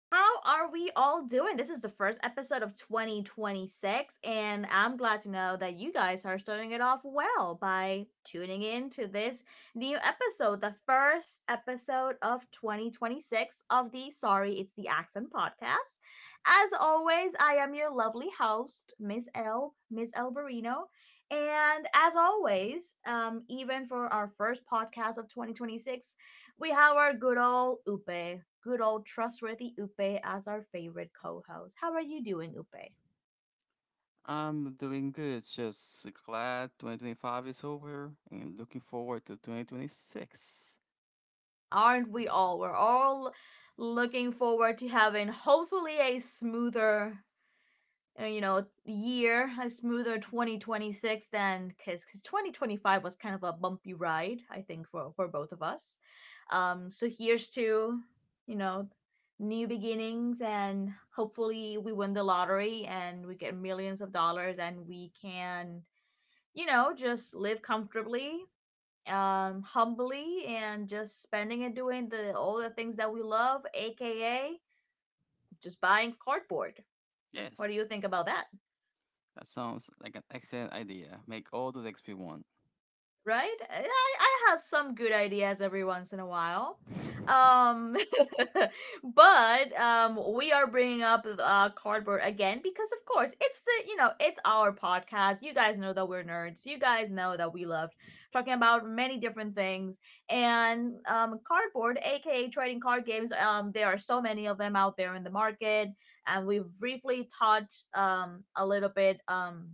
How are we all doing? This is the first episode of 2026, and I'm glad to know that you guys are starting it off well by tuning in to this new episode, the first episode of 2026 of the Sorry It's the Accent podcast. As always, I am your lovely host, Miss L, Miss L Barino. And as always, even for our first podcast of 2026, we have our good old Upe, good old trustworthy Upe as our favorite co-host. How are you doing, Upe? I'm doing good. Just glad 2025 is over and looking forward to 2026. Aren't we all? We're all looking forward to having hopefully a smoother year, a smoother 2026 than Kiss, because 2025 was kind of a bumpy ride, I think, for both of us. So here's to, you know, new beginnings, and hopefully we win the lottery and we get millions of dollars and we can, just live comfortably, humbly, and just spending and doing the all the things that we love, aka just buying cardboard. What do Yes, you think about that? that sounds like an excellent idea. Make all the XP one. Right? I have some good ideas every once in a while. Um, but we are bringing up cardboard again because, of course, it's our podcast. You guys know that we're nerds. You guys know that we love talking about many different things. And cardboard, aka trading card games, there are so many of them out there in the market, and we've briefly touched a little bit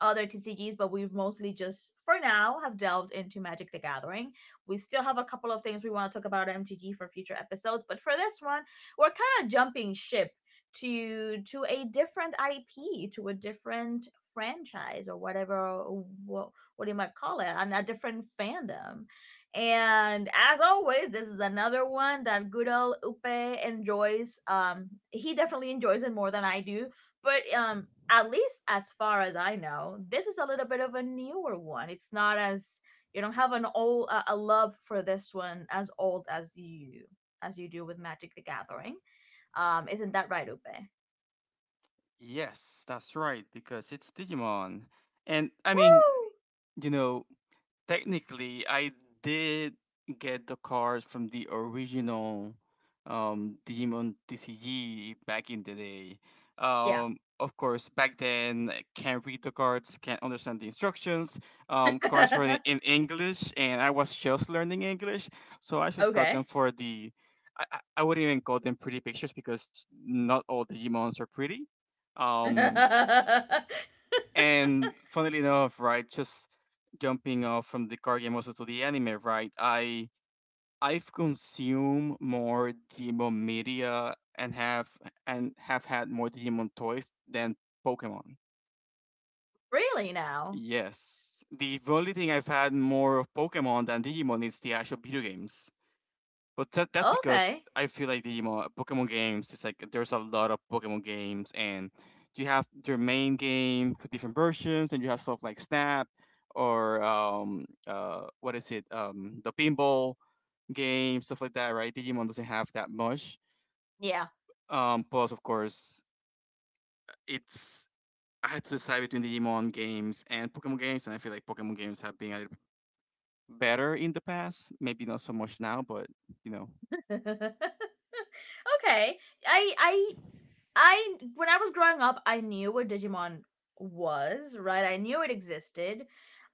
other TCGs, but we've mostly just, for now, have delved into Magic the Gathering. We still have a couple of things we want to talk about at MTG for future episodes, but for this one, we're kind of jumping ship to a different IP, to a different franchise or whatever what, what do you might call it, and a different fandom. And as always, this is another one that good old Upe enjoys. He definitely enjoys it more than I do. But at least as far as I know, this is a little bit of a newer one. It's not as you don't have an old a love for this one as old as you do with Magic the Gathering. Isn't that right, Upe? Yes, that's right, because it's Digimon. And I mean, you know, technically, I did get the card from the original Digimon TCG back in the day. Yeah. Of course, back then, I can't read the cards, can't understand the instructions. Cards were in English, and I was just learning English, so I just got Okay. them for the. I wouldn't even call them pretty pictures because not all Digimons are pretty. Um, and funnily enough, right, just jumping off from the card game also to the anime, right? I've consumed more Digimon media and have had more Digimon toys than Pokemon. Really now? Yes. The only thing I've had more of Pokemon than Digimon is the actual video games. But that's Okay. because I feel like the Pokemon games, it's like there's a lot of Pokemon games, and you have your main game with different versions, and you have stuff like Snap or what is it, the pinball game, stuff like that, right? Digimon doesn't have that much. Yeah. Plus, of course, it's I had to decide between Digimon games and Pokemon games, and I feel like Pokemon games have been a little better in the past. Maybe not so much now, but you know. Okay. I I I when I was growing up, I knew what Digimon was, right? I knew it existed.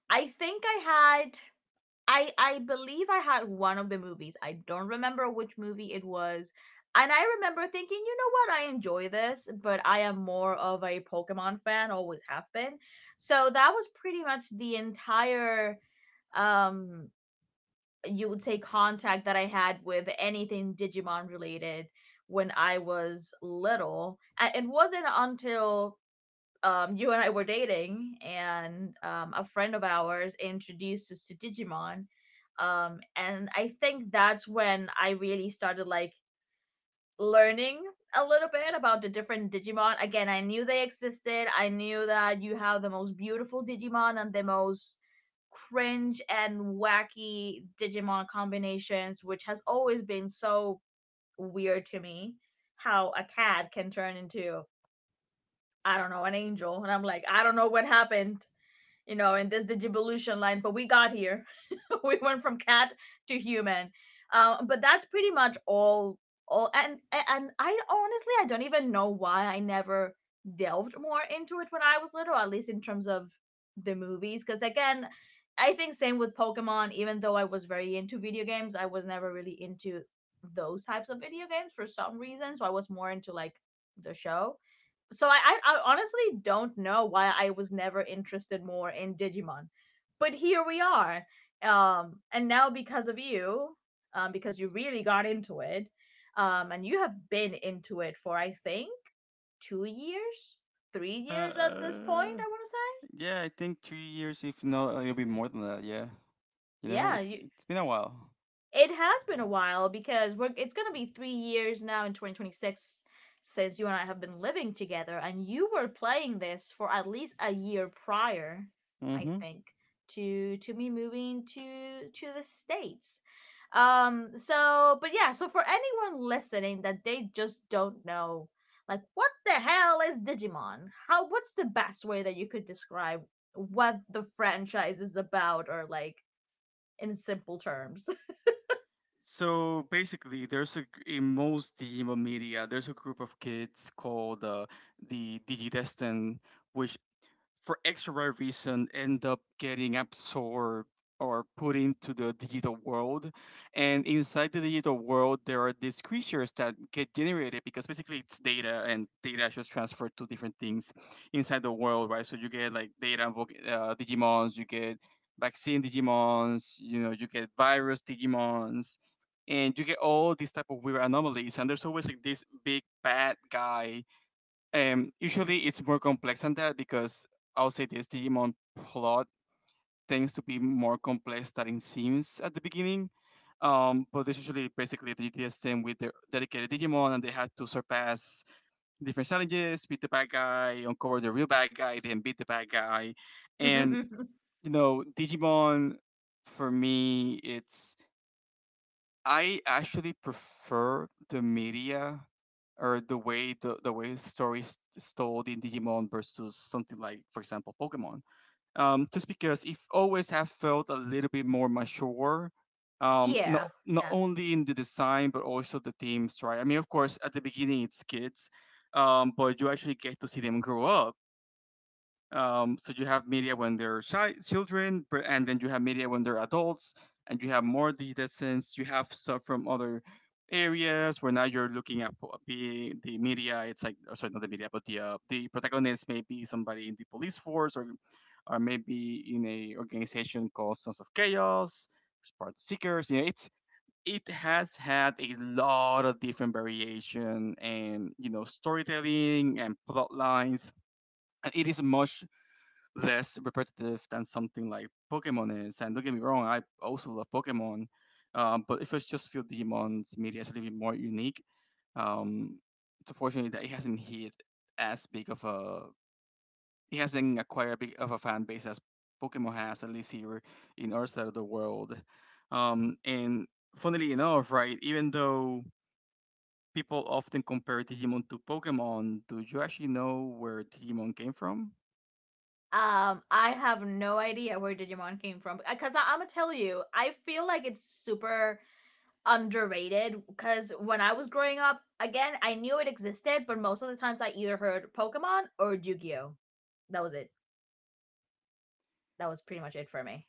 I think I had I believe I had one of the movies. I don't remember which movie it was. And I remember thinking, you know what, I enjoy this, but I am more of a Pokemon fan, always have been. So that was pretty much the entire um you would say contact that I had with anything Digimon related when I was little. And it wasn't until you and I were dating, and a friend of ours introduced us to Digimon. And I think that's when I really started like learning a little bit about the different Digimon. Again, I knew they existed. I knew that you have the most beautiful Digimon and the most cringe and wacky Digimon combinations, which has always been so weird to me how a cat can turn into I don't know, an angel. And I'm like, I don't know what happened you know, in this digivolution line, but we got here. We went from cat to human. But that's pretty much all and I honestly I don't even know why I never delved more into it when I was little, at least in terms of the movies. Because again, I think same with Pokemon, even though I was very into video games, I was never really into those types of video games for some reason. So I was more into like the show so I honestly don't know why I was never interested more in Digimon, but here we are. And now because of you, because you really got into it, and you have been into it for I think 2 years, 3 years at this point. Uh, I want to Yeah, I think 3 years, if not, it'll be more than that. Yeah, you say, know, yeah, it's you it's been a while. It has been a while because we're, it's going to be 3 years now in 2026 since you and I have been living together, and you were playing this for at least a year prior, I Mm-hmm. think, to me moving to the states. So, but yeah. So for anyone listening that they just don't know, like, what the hell is Digimon? How? What's the best way that you could describe what the franchise is about, or like in simple terms? So basically, there's a in most digital media, there's a group of kids called the Digidestin, which for X or Y reason end up getting absorbed or put into the digital world. And inside the digital world, there are these creatures that get generated because basically it's data and data is just transferred to different things inside the world, right? So you get like data Digimons, you get vaccine Digimons, you know, you get virus Digimons. And you get all these type of weird anomalies, and there's always like this big bad guy usually it's more complex than that because I'll say this Digimon plot tends to be more complex than it seems at the beginning. But there's usually basically the DTS team with their dedicated Digimon and they had to surpass different challenges, beat the bad guy, uncover the real bad guy, then beat the bad guy. And you know, Digimon for me it's I actually prefer the media or the way the way stories told in Digimon versus something like, for example, Pokemon. Just because it always have felt a little bit more mature, Yeah, not yeah. only in the design but also the themes, right? I mean, of course, at the beginning it's kids, but you actually get to see them grow up. So you have media when they're children, but- and then you have media when they're adults, and you have more distance. You have stuff from other areas where now you're looking at be the media. It's like oh, sorry, not the media, but the protagonist may be somebody in the police force, or maybe in a organization called Sons of Chaos, which is part of the Seekers. You know, it's it has had a lot of different variation and you know storytelling and plot lines and it is much less repetitive than something like Pokemon is. And don't get me wrong, I also love Pokemon, but if it's just few Demon's media is a little bit more unique. Um, it's unfortunate that it hasn't hit as big of a, it hasn't acquired big of a fan base as Pokemon has, at least here in our side of the world. And funnily enough, right, even though people often compare Digimon to Pokemon, do you actually know where Digimon came from? I have no idea where Digimon came from because I'm gonna tell you, I feel like it's super underrated because when I was growing up, again, I knew it existed, but most of the times I either heard Pokemon or Yu-Gi-Oh. That was it. That was pretty much it for me.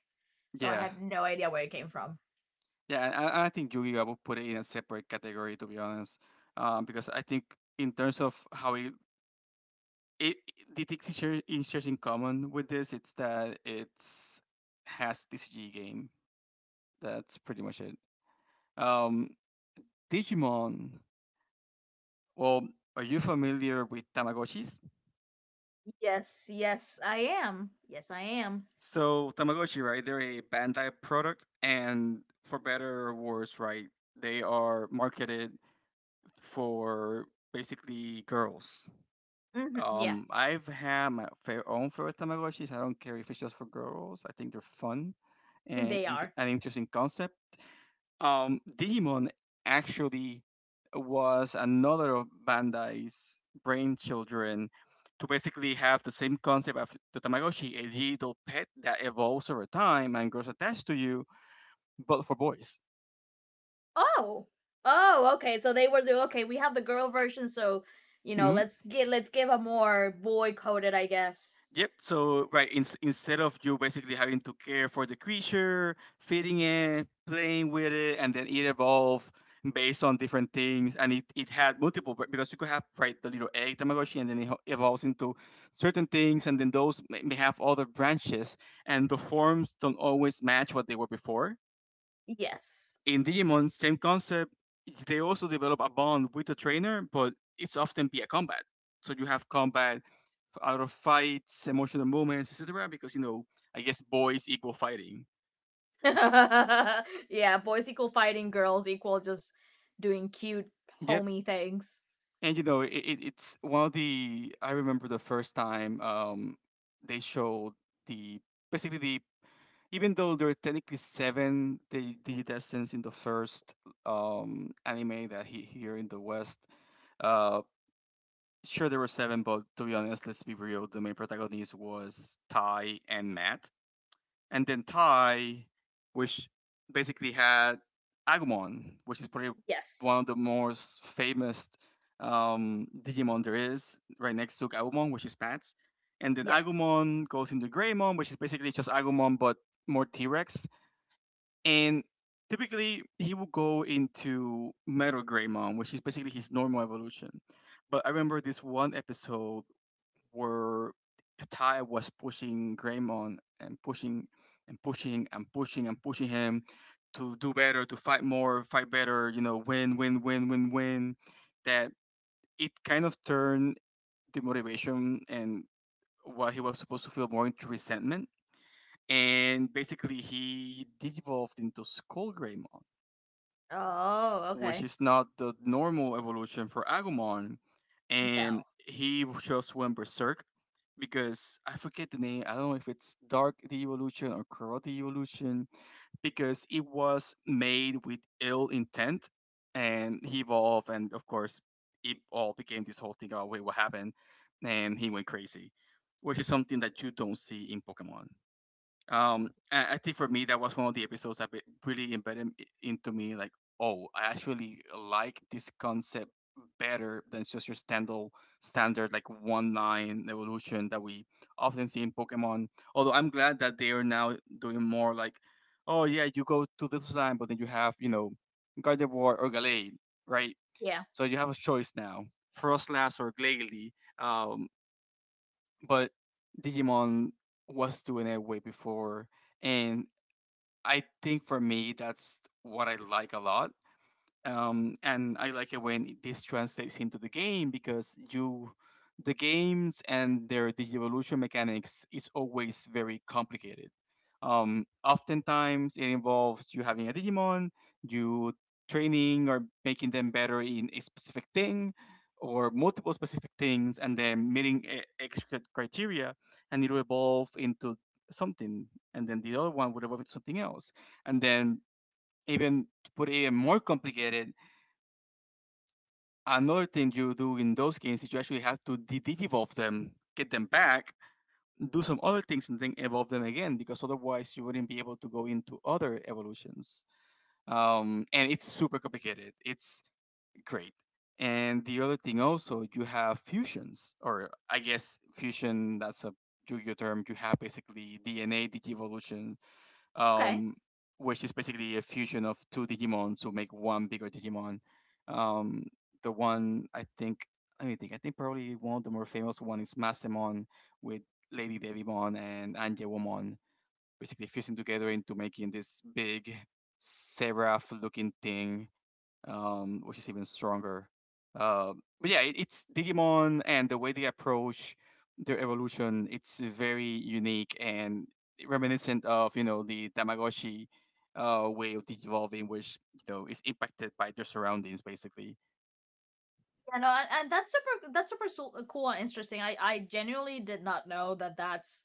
So I Yeah, have no idea where it came from. yeah, I think Yu-Gi-Oh! I would put it in a separate category to be honest, because I think in terms of how the things it shares in common with this, it's that it's has TCG game. That's pretty much it. Um, Digimon. Well, are you familiar with Tamagotchis? Yes, I am. Yes, I am. So Tamagotchi, right? They're a Bandai product, and for better or worse, right? They are marketed for basically girls. Hmm, yeah, I've had my fair own favorite Tamagotchis. I don't care if it's just for girls. I think they're fun and they are. an interesting concept. Digimon actually was another of Bandai's brainchildren to basically have the same concept of the Tamagotchi, a digital pet that evolves over time and grows attached to you, but for boys. Oh. Oh, okay. So they were the okay, we have the girl version, so you know, Mm-hmm. let's get let's give a more boy coded, I guess. Yep. So right, instead of you basically having to care for the creature, feeding it, playing with it, and then it evolved based on different things, and it had multiple b- because you could have right the little egg Tamagotchi, and then it evolves into certain things, and then those may have other branches, and the forms don't always match what they were before. Yes. In Digimon, same concept. They also develop a bond with the trainer, but it's often via combat. So you have combat out of fights, emotional moments, etc. Because you know, I guess boys equal fighting. Yeah, boys equal fighting, girls equal just doing cute Yep. homey things. And you know, it's one of the I remember the first time they showed the basically the even though there are technically seven the contestants in the first anime that he here in the West, uh sure there were seven, but to be honest, let's be real, the main protagonist was Ty and Matt. And then Thai, which basically had Agumon, which is probably one Yes. of the most famous Digimon there is, right next to Agumon, which is Bats. And then Yes. Agumon goes into Greymon, which is basically just Agumon but more T Rex. And typically he will go into Metal Greymon, which is basically his normal evolution. But I remember this one episode where Ty was pushing Greymon and pushing him to do better, to fight more, fight better, you know, win, that it kind of turned the motivation and what he was supposed to feel more into resentment. And basically, he devolved into Skull Greymon, Oh, which okay. is not the normal evolution for Agumon, and No. he just went berserk because I forget the name. I don't know if it's Dark Evolution or Corrupt Evolution because it was made with ill intent, and he evolved, and of course, it all became this whole thing. Oh wait, what happened? And he went crazy, which is something that you don't see in Pokemon. I think for me that was one of the episodes that really embedded into me. Like, oh, I actually like this concept better than just your standard like one line evolution that we often see in Pokemon. Although I'm glad that they are now doing more like, oh yeah, you go to this line, but then you have you know Gardevoir or Gallade, right? Yeah. So you have a choice now, Frostlass or Glalie. Um, but Digimon was doing it way before and I think for me, that's what I like a lot and I like it when this translates into the game because you the games and their digievolution mechanics is always very complicated. Oftentimes it involves you having a Digimon, you training or making them better in a specific thing or multiple specific things and then meeting extra criteria and it will evolve into something and then the other one would evolve into something else and then even to put it even more complicated another thing you do in those games is you actually have to de evolve them, get them back, do some other things, and then evolve them again, because otherwise you wouldn't be able to go into other evolutions. And it's super complicated. It's great. And the other thing also, you have fusions, or I guess fusion, that's a Yu-Gi-Oh term. You have basically DNA de Okay. um, which is basically a fusion of two Digimon to make one bigger Digimon. Um, the one I think, let me think. I think probably one of the more famous one is Massemon with Lady Devimon and Angelomon, basically fusing together into making this big seraph looking thing which is even stronger. Uh, but yeah, it's Digimon and the way they approach their evolution. It's very unique and reminiscent of you know the Tamagotchi way of digivolving, which you know is impacted by their surroundings basically. Yeah, no, and that's super. That's super so- cool and interesting. I genuinely did not know that. That's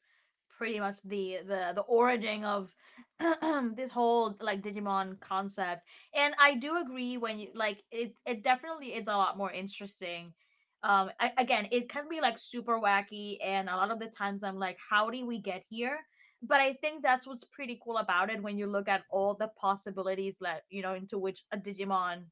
pretty much the origin of this whole like Digimon concept. And I do agree when you like it. It definitely is a lot more interesting. I, again, it can be like super wacky, and a lot of the times I'm like, how did we get here? But I think that's what's pretty cool about it when you look at all the possibilities that you know into which a Digimon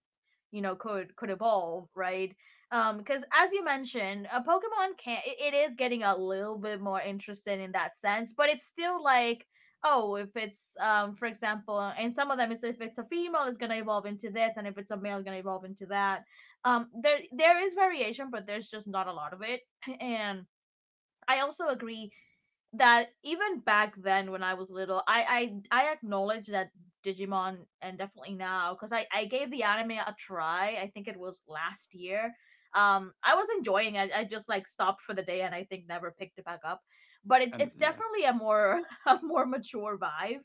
you know could evolve right because as you mentioned a pokemon can it is getting a little bit more interesting in that sense but it's still like oh if it's for example and some of them is if it's a female it's gonna evolve into this and if it's a male it's gonna evolve into that there is variation but there's just not a lot of it and I also agree that even back then when I was little, I acknowledge that Digimon and definitely now because I gave the anime a try. I think it was last year. I was enjoying. It. I just like stopped for the day and I think never picked it back up. But And it's yeah, definitely a more a more mature vibe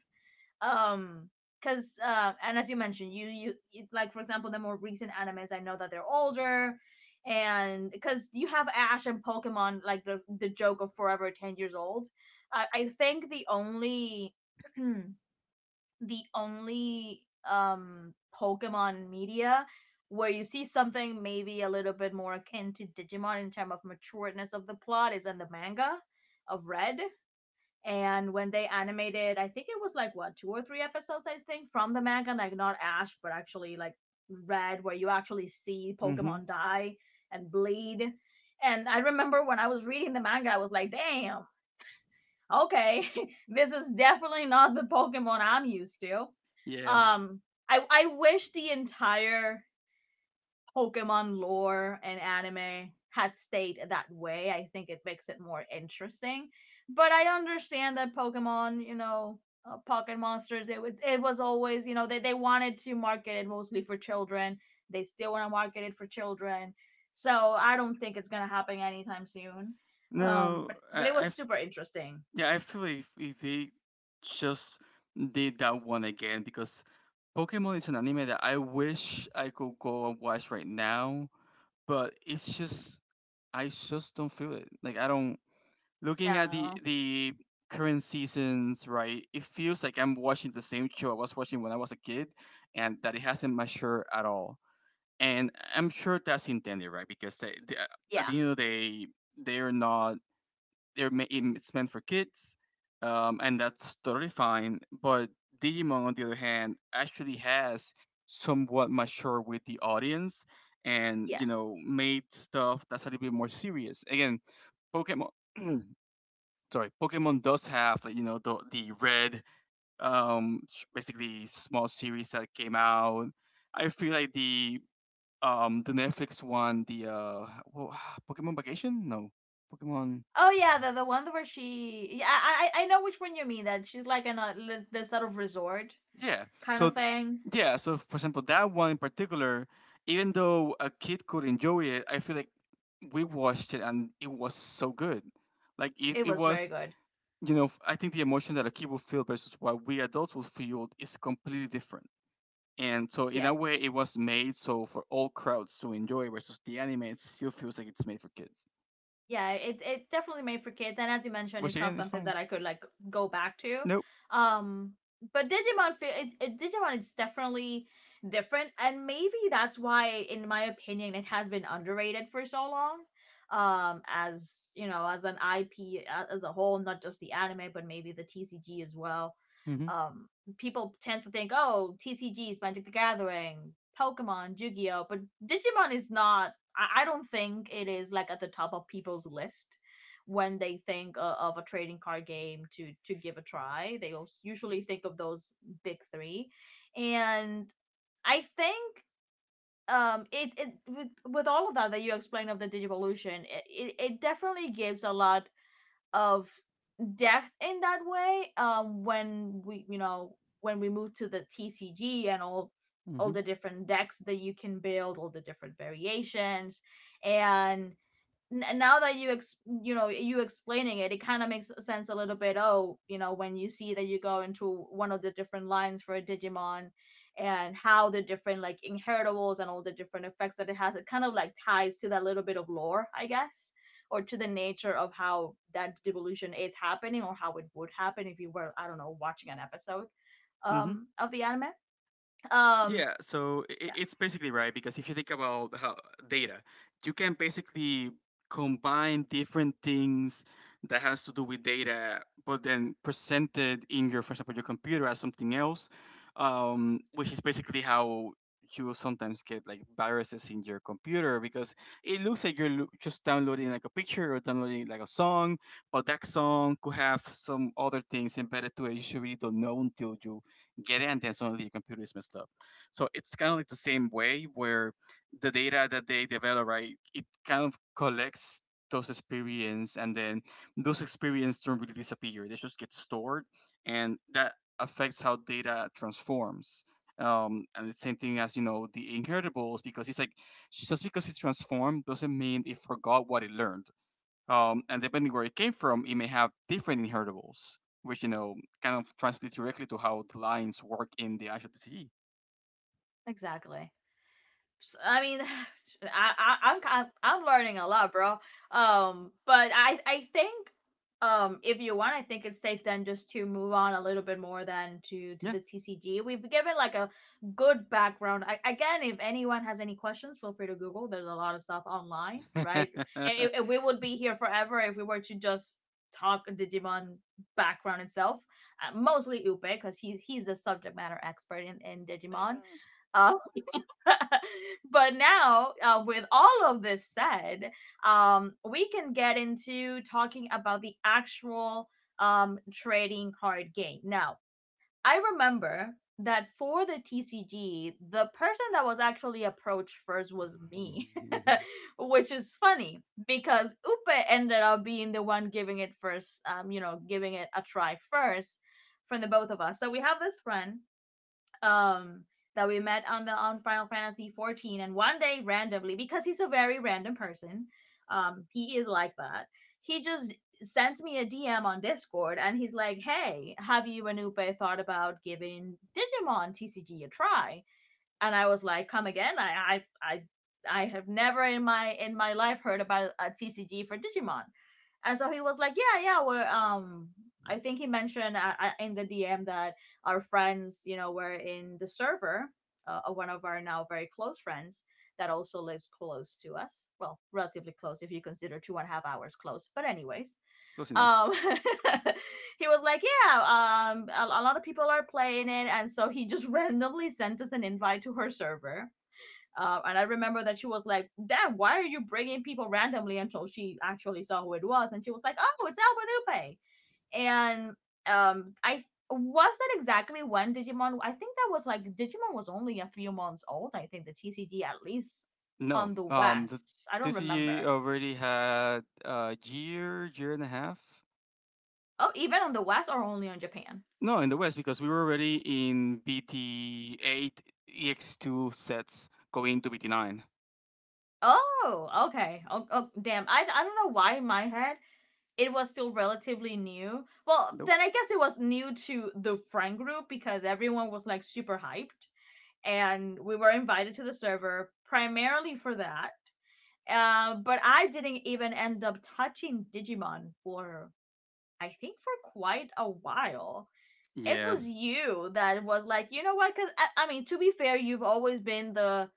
um because and as you mentioned you, you like for example the more recent animes I know that they're older and because you have ash and pokemon like the joke of forever 10 years old i think the only the only um pokemon media where you see something maybe a little bit more akin to digimon in terms of matureness of the plot is in the manga of red and when they animated I think it was like what two or three episodes I think from the manga like not ash but actually like red where you actually see mm-hmm. pokemon die and bleed and I remember when I was reading the manga I was like damn okay this is definitely not the pokemon I'm used to Yeah. um i wish the entire Pokemon lore and anime had stayed that way, I think it makes it more interesting. But I understand that Pokemon, you know, Pocket Monsters, it was always, you know, they wanted to market it mostly for children. They still want to market it for children. So I don't think it's gonna happen anytime soon. No, but but it was super interesting. yeah, I feel like if they just did that one again because Pokemon is an anime that I wish I could go and watch right now, but it's just, I just don't feel it. Like, I don't, looking at the No, the current seasons, right? It feels like I'm watching the same show I was watching when I was a kid, and that it hasn't matured at all. And I'm sure that's intended, right? Because they at yeah, the end of the day, they're not, they're ma- it's meant for kids, and that's totally fine. But Digimon, on the other hand, actually has somewhat mature with the audience, and yeah. Made stuff that's a little bit more serious. Again, Pokemon. Sorry, Pokemon does have like the red basically small series that came out. I feel like the Netflix one the well, Pokemon Vacation, no, Pokemon. Oh yeah, the one where she, yeah, I I know which one you mean. That she's like in a li- this sort of resort Yeah. kind So, of thing. yeah. So, for example, that one in particular, even though a kid could enjoy it, I feel like we watched it and it was so good. Like it, It it was very was, good. I think the emotion that a kid will feel versus what we adults will feel is completely different. And so, in Yeah. that way, it was made so for all crowds to enjoy versus the anime. It still feels like it's made for kids, Yeah, it definitely made for kids and as you mentioned, which it's not again is something fine. that I could like go back to. Nope. Um but Digimon feel it, it Digimon is definitely different and maybe that's why in my opinion it has been underrated for so long as you know as an ip as a whole not just the anime but maybe the tcg as well Mm-hmm. um people tend to think oh tcgs magic the gathering pokemon yu-gi-oh but digimon is not I don't think it is like at the top of people's list when they think of a trading card game to give a try. They usually think of those big three, and I think it it with all of that that you explained of the Digivolution, it definitely gives a lot of depth in that way. When we move to the TCG and Mm-hmm. all the different decks that you can build, all the different variations, and n- now that you ex- you know you explaining it it kind of makes sense a little bit. Oh, you know, when you see that you go into one of the different lines for a digimon and how the different like inheritables and all the different effects that it has, it kind of like ties to that little bit of lore, I guess, or to the nature of how that devolution is happening or how it would happen if you were, I don't know, watching an episode of the anime. um Yeah, so yeah, it's basically right because if you think about how data, you can basically combine different things that has to do with data, but then presented in your, for example, your computer as something else, which is basically how you will sometimes get like viruses in your computer because it looks like you're just downloading like a picture or downloading like a song, but that song could have some other things embedded to it you should really don't know until you get it, and then suddenly your computer is messed up. So it's kind of like the same way where the data that they develop, right, it kind of collects those experience and then those experience don't really disappear. They just get stored and that affects how data transforms. And the same thing as, the inheritables because it's like just because it's transformed doesn't mean it forgot what it learned. And depending where it came from, it may have different inheritables, which, kind of translates directly to how the lines work in the actual DCE. exactly. I mean, I, I'm learning a lot, bro. But I think if you want, I think it's safe then just to move on a little bit more than to the TCG. We've given like a good background. I, again, if anyone has any questions, feel free to Google. There's a lot of stuff online, right? We would be here forever if we were to just talk Digimon background itself. Mostly Upe because he's the subject matter expert in Digimon. Uh, but now, with all of this said, we can get into talking about the actual trading card game. Now, I remember that for the TCG, the person that was actually approached first was me, which is funny because Upe ended up being the one giving it first, you know, giving it a try first from the both of us. So we have this friend um that we met on the on Final Fantasy 14, and one day randomly, because he's a very random person, he is like that, he just sends me a DM on Discord, and he's like, "Hey, have you Anupe thought about giving Digimon TCG a try?" And I was like, "Come again? I I have never in my life heard about a TCG for Digimon." And so he was like, "Yeah, yeah, we're. I think he mentioned in the DM that our friends, you know, were in the server. One of our now very close friends that also lives close to us. Well, relatively close if you consider two and a half hours close. But anyways, Close enough. um, he was like, "Yeah, a lot of people are playing it," and so he just randomly sent us an invite to her server. And I remember that she was like, "Damn, why are you bringing people randomly?" Until she actually saw who it was, and she was like, "Oh, it's Nupé." And I was that exactly when Digimon. I think that was like Digimon was only a few months old. I think the TCG at least No. on the The West. I don't TCG remember. already had a year, year and a half. Oh, even on the West or only on Japan? No, in the West because we were already in BT8 EX2 sets going to BT9. Oh, okay. Oh, oh damn. I don't know why in my head it was still relatively new. Well, Nope. then I guess it was new to the friend group because everyone was like super hyped, and we were invited to the server primarily for that. But I didn't even end up touching Digimon for I think for quite a while. It Yeah. was you that was like, you know what? Because I mean, to be fair, you've always been the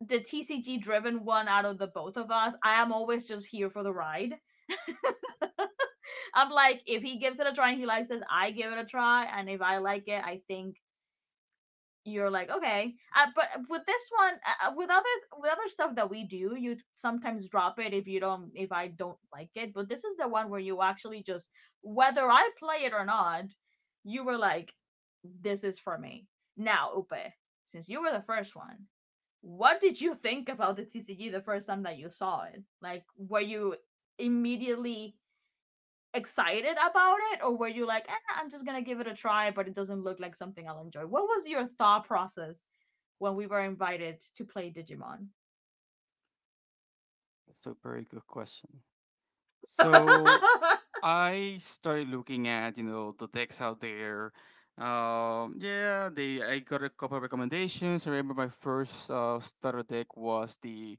TCG driven one out of the both of us. I am always just here for the ride. I'm like, if he gives it a try and he likes it, I give it a try, and if I like it, I think you're like okay. But with this one, with other stuff that we do, you sometimes drop it if you don't if I don't like it. But this is the one where you actually just, whether I play it or not, you were like, this is for me. Now, Upe, since you were the first one, what did you think about the TCG the first time that you saw it? Like, were you immediately excited about it, or were you like, eh, I'm just gonna give it a try, but it doesn't look like something I'll enjoy? What was your thought process when we were invited to play Digimon? That's a very good question. So I started looking at, the decks out there. Yeah, they I got a couple of recommendations. I remember my first starter deck was the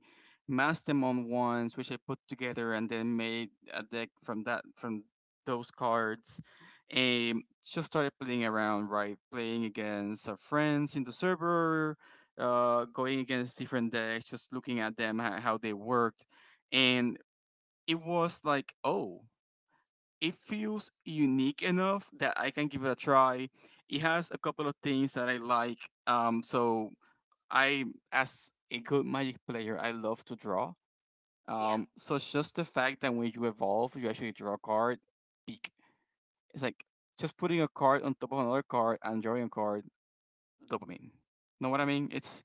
Mastemon ones, which I put together and then made a deck from that from those cards. And just started playing around, right? Playing against our friends in the server, going against different decks, just looking at them how they worked, and it was like, oh, it feels unique enough that I can give it a try. It has a couple of things that I like. So I, as a good Magic player, I love to draw. Yeah. So it's just the fact that when you evolve, you actually draw a card. Peak. It's like just putting a card on top of another card and drawing a card. Dopamine. Know what I mean? It's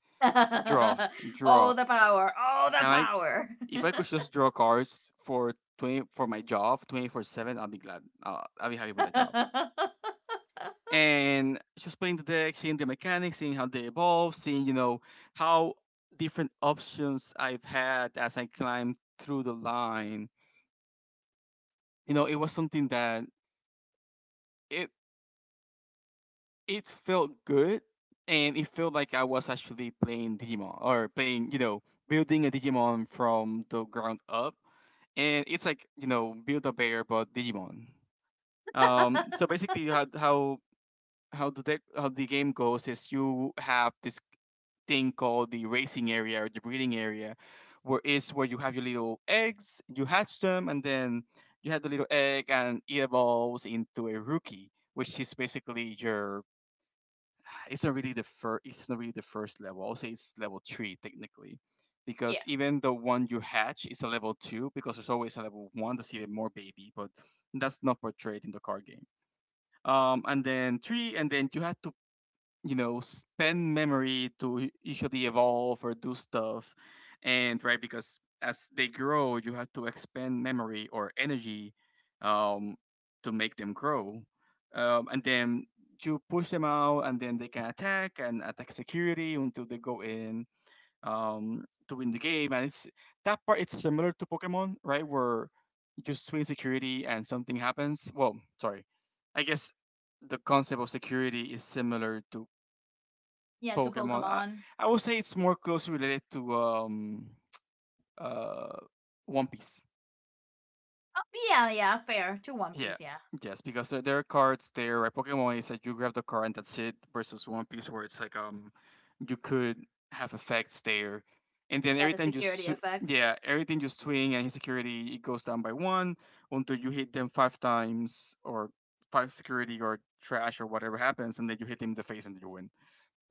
draw, Oh, draw. the power, oh the Can I? power. If I could just draw cards for 20 for my job, 24/7, I'll be glad. I'll be happy with that job. And just playing the deck, seeing the mechanics, seeing how they evolve, seeing how different options I've had as I climbed through the line. You know, it was something that it it felt good, and it felt like I was actually playing Digimon or playing building a Digimon from the ground up, and it's like build a bear but Digimon. So basically, how the deck how the game goes is you have this thing called the racing area or the breeding area, where is where you have your little eggs, you hatch them, and then you have the little egg, and it evolves into a rookie, which is basically your. It's not really the first. It's not really the first level. I'll say it's level three technically, because Yeah, even the one you hatch is a level two because there's always a level one that's even more baby, but that's not portrayed in the card game, and then three, and then you had to spend memory to usually evolve or do stuff, and right because as they grow you have to expend memory or energy, um, to make them grow, and then you push them out and then they can attack and attack security until they go in, to win the game. And it's that part, it's similar to Pokemon, right, where you swing security and something happens. Well, sorry, I guess the concept of security is similar to yeah, to Pokemon. I, Pokemon. I would say it's more closely related to uh One Piece. Oh, yeah, yeah, fair, to One Yeah. Piece, yeah. Yes, because there are cards there, right? Pokemon is that you grab the card and that's it versus One Piece where it's like you could have effects there. And then Yeah, every the time you security effects. yeah, everything you swing and his security it goes down by one until you hit them five times or five security or trash or whatever happens and then you hit him in the face and you win.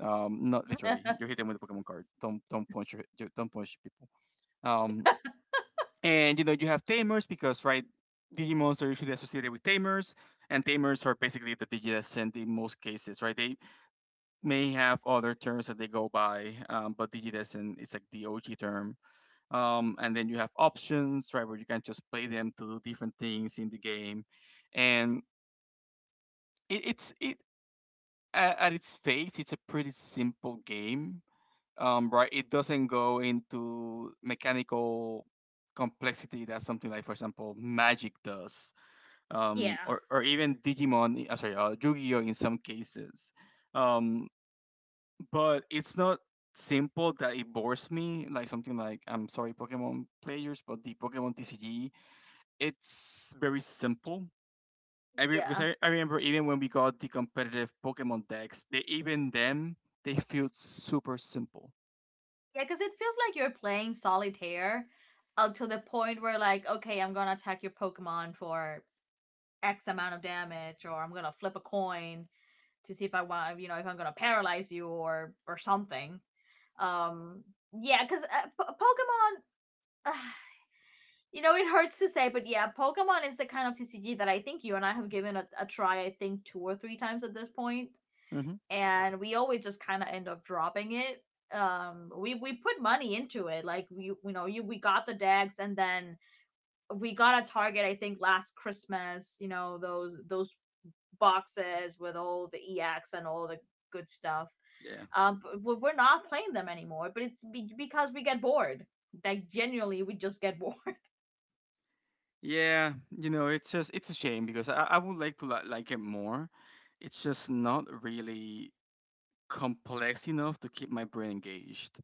Not literally. You hit them with a Pokemon card. Don't punch, don't punch people. Um, and you have tamers because, right, Digimons are usually associated with tamers, and tamers are basically the Digidescent in most cases, right? They may have other terms that they go by, but Digidescent is like the OG term. And then you have options, right, where you can just play them to do different things in the game, and it's at its face, it's a pretty simple game, right? It doesn't go into mechanical complexity that something like, for example, Magic does, Yeah, or even Digimon. Sorry, Yu-Gi-Oh in some cases. Um, but it's not simple that it bores me, like, something like, I'm sorry Pokemon players, but the Pokemon TCG, it's very simple. Because yeah. I remember even when we got the competitive Pokemon decks, they even them they feel super simple. Yeah, because it feels like you're playing solitaire up to the point where, like, okay, I'm going to attack your Pokemon for X amount of damage, or I'm going to flip a coin to see if I want, you know, if I'm going to paralyze you or something. Um, yeah, because Pokemon, uh, you know, it hurts to say, but yeah, Pokemon is the kind of TCG that I think you and I have given a try, I think, two or three times at this point, Hmm. and we always just kind of end up dropping it. We put money into it. Like, we, you know, you we got the decks, and then we got a Target, I think last Christmas, you know, those boxes with all the ex and all the good stuff. But we're not playing them anymore, but it's because we get bored. Like, genuinely, we just get bored. Yeah, it's just it's a shame because I would like to like it more. It's just not really complex enough to keep my brain engaged.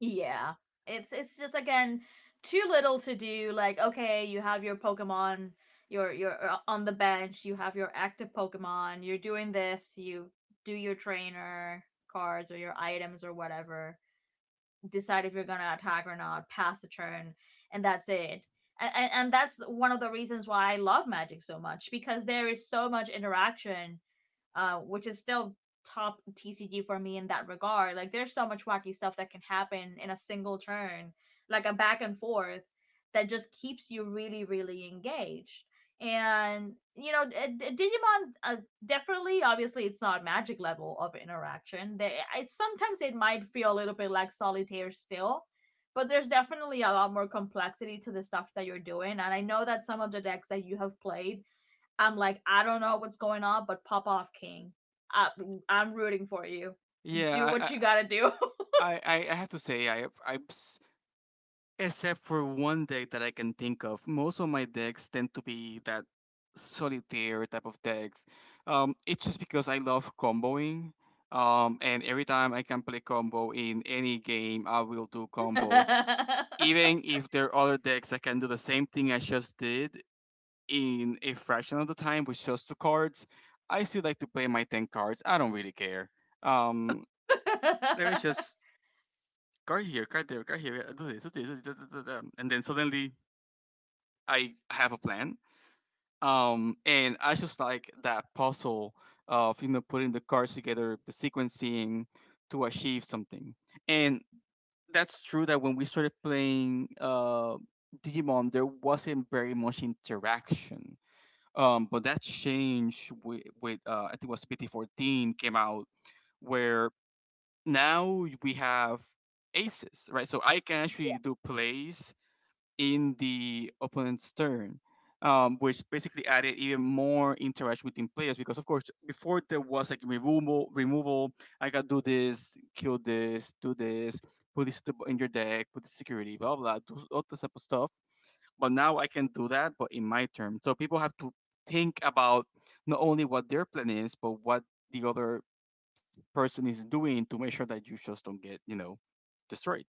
Yeah. It's just again too little to do. Like, okay, you have your Pokemon, you're on the bench, you have your active Pokemon, you're doing this, you do your trainer cards or your items or whatever, decide if you're gonna attack or not, pass the turn, and that's it. And that's one of the reasons why I love Magic so much, because there is so much interaction, which is still top TCG for me in that regard. Like, there's so much wacky stuff that can happen in a single turn, like a back and forth that just keeps you really, really engaged. And you know, Digimon, definitely, obviously, it's not magic level of interaction. They, it sometimes it might feel a little bit like solitaire still, but there's definitely a lot more complexity to the stuff that you're doing. And I know that some of the decks that you have played, I'm like, I don't know what's going on, but pop off, King. I, I'm rooting for you. Do Yeah, I what I you gotta do. I, I I have to say I except for one deck that I can think of, most of my decks tend to be that solitaire type of decks. It's just because I love comboing. And every time I can play combo in any game, I will do combo. Exactly, Even if there are other decks that can do the same thing I just did in a fraction of the time with just two cards, I still like to play my 10 cards. I don't really care. Um, Let me just card here, card there, card here, do this, do this, do this, do this, and then suddenly I have a plan. And I just like that puzzle of putting the cards together, the sequencing to achieve something. And that's true that when we started playing Digimon, there wasn't very much interaction. But that change with, I think it was PT14 came out where now we have aces, right? So I can actually do plays in the opponent's turn, which basically added even more interaction between players. Because of course, before there was like removal, removal. I gotta do this, kill this, do this, put this to in your deck, put the security, blah blah, do all this type of stuff. But now I can do that, but in my turn. So people have to think about not only what their plan is, but what the other person is doing to make sure that you just don't get, destroyed.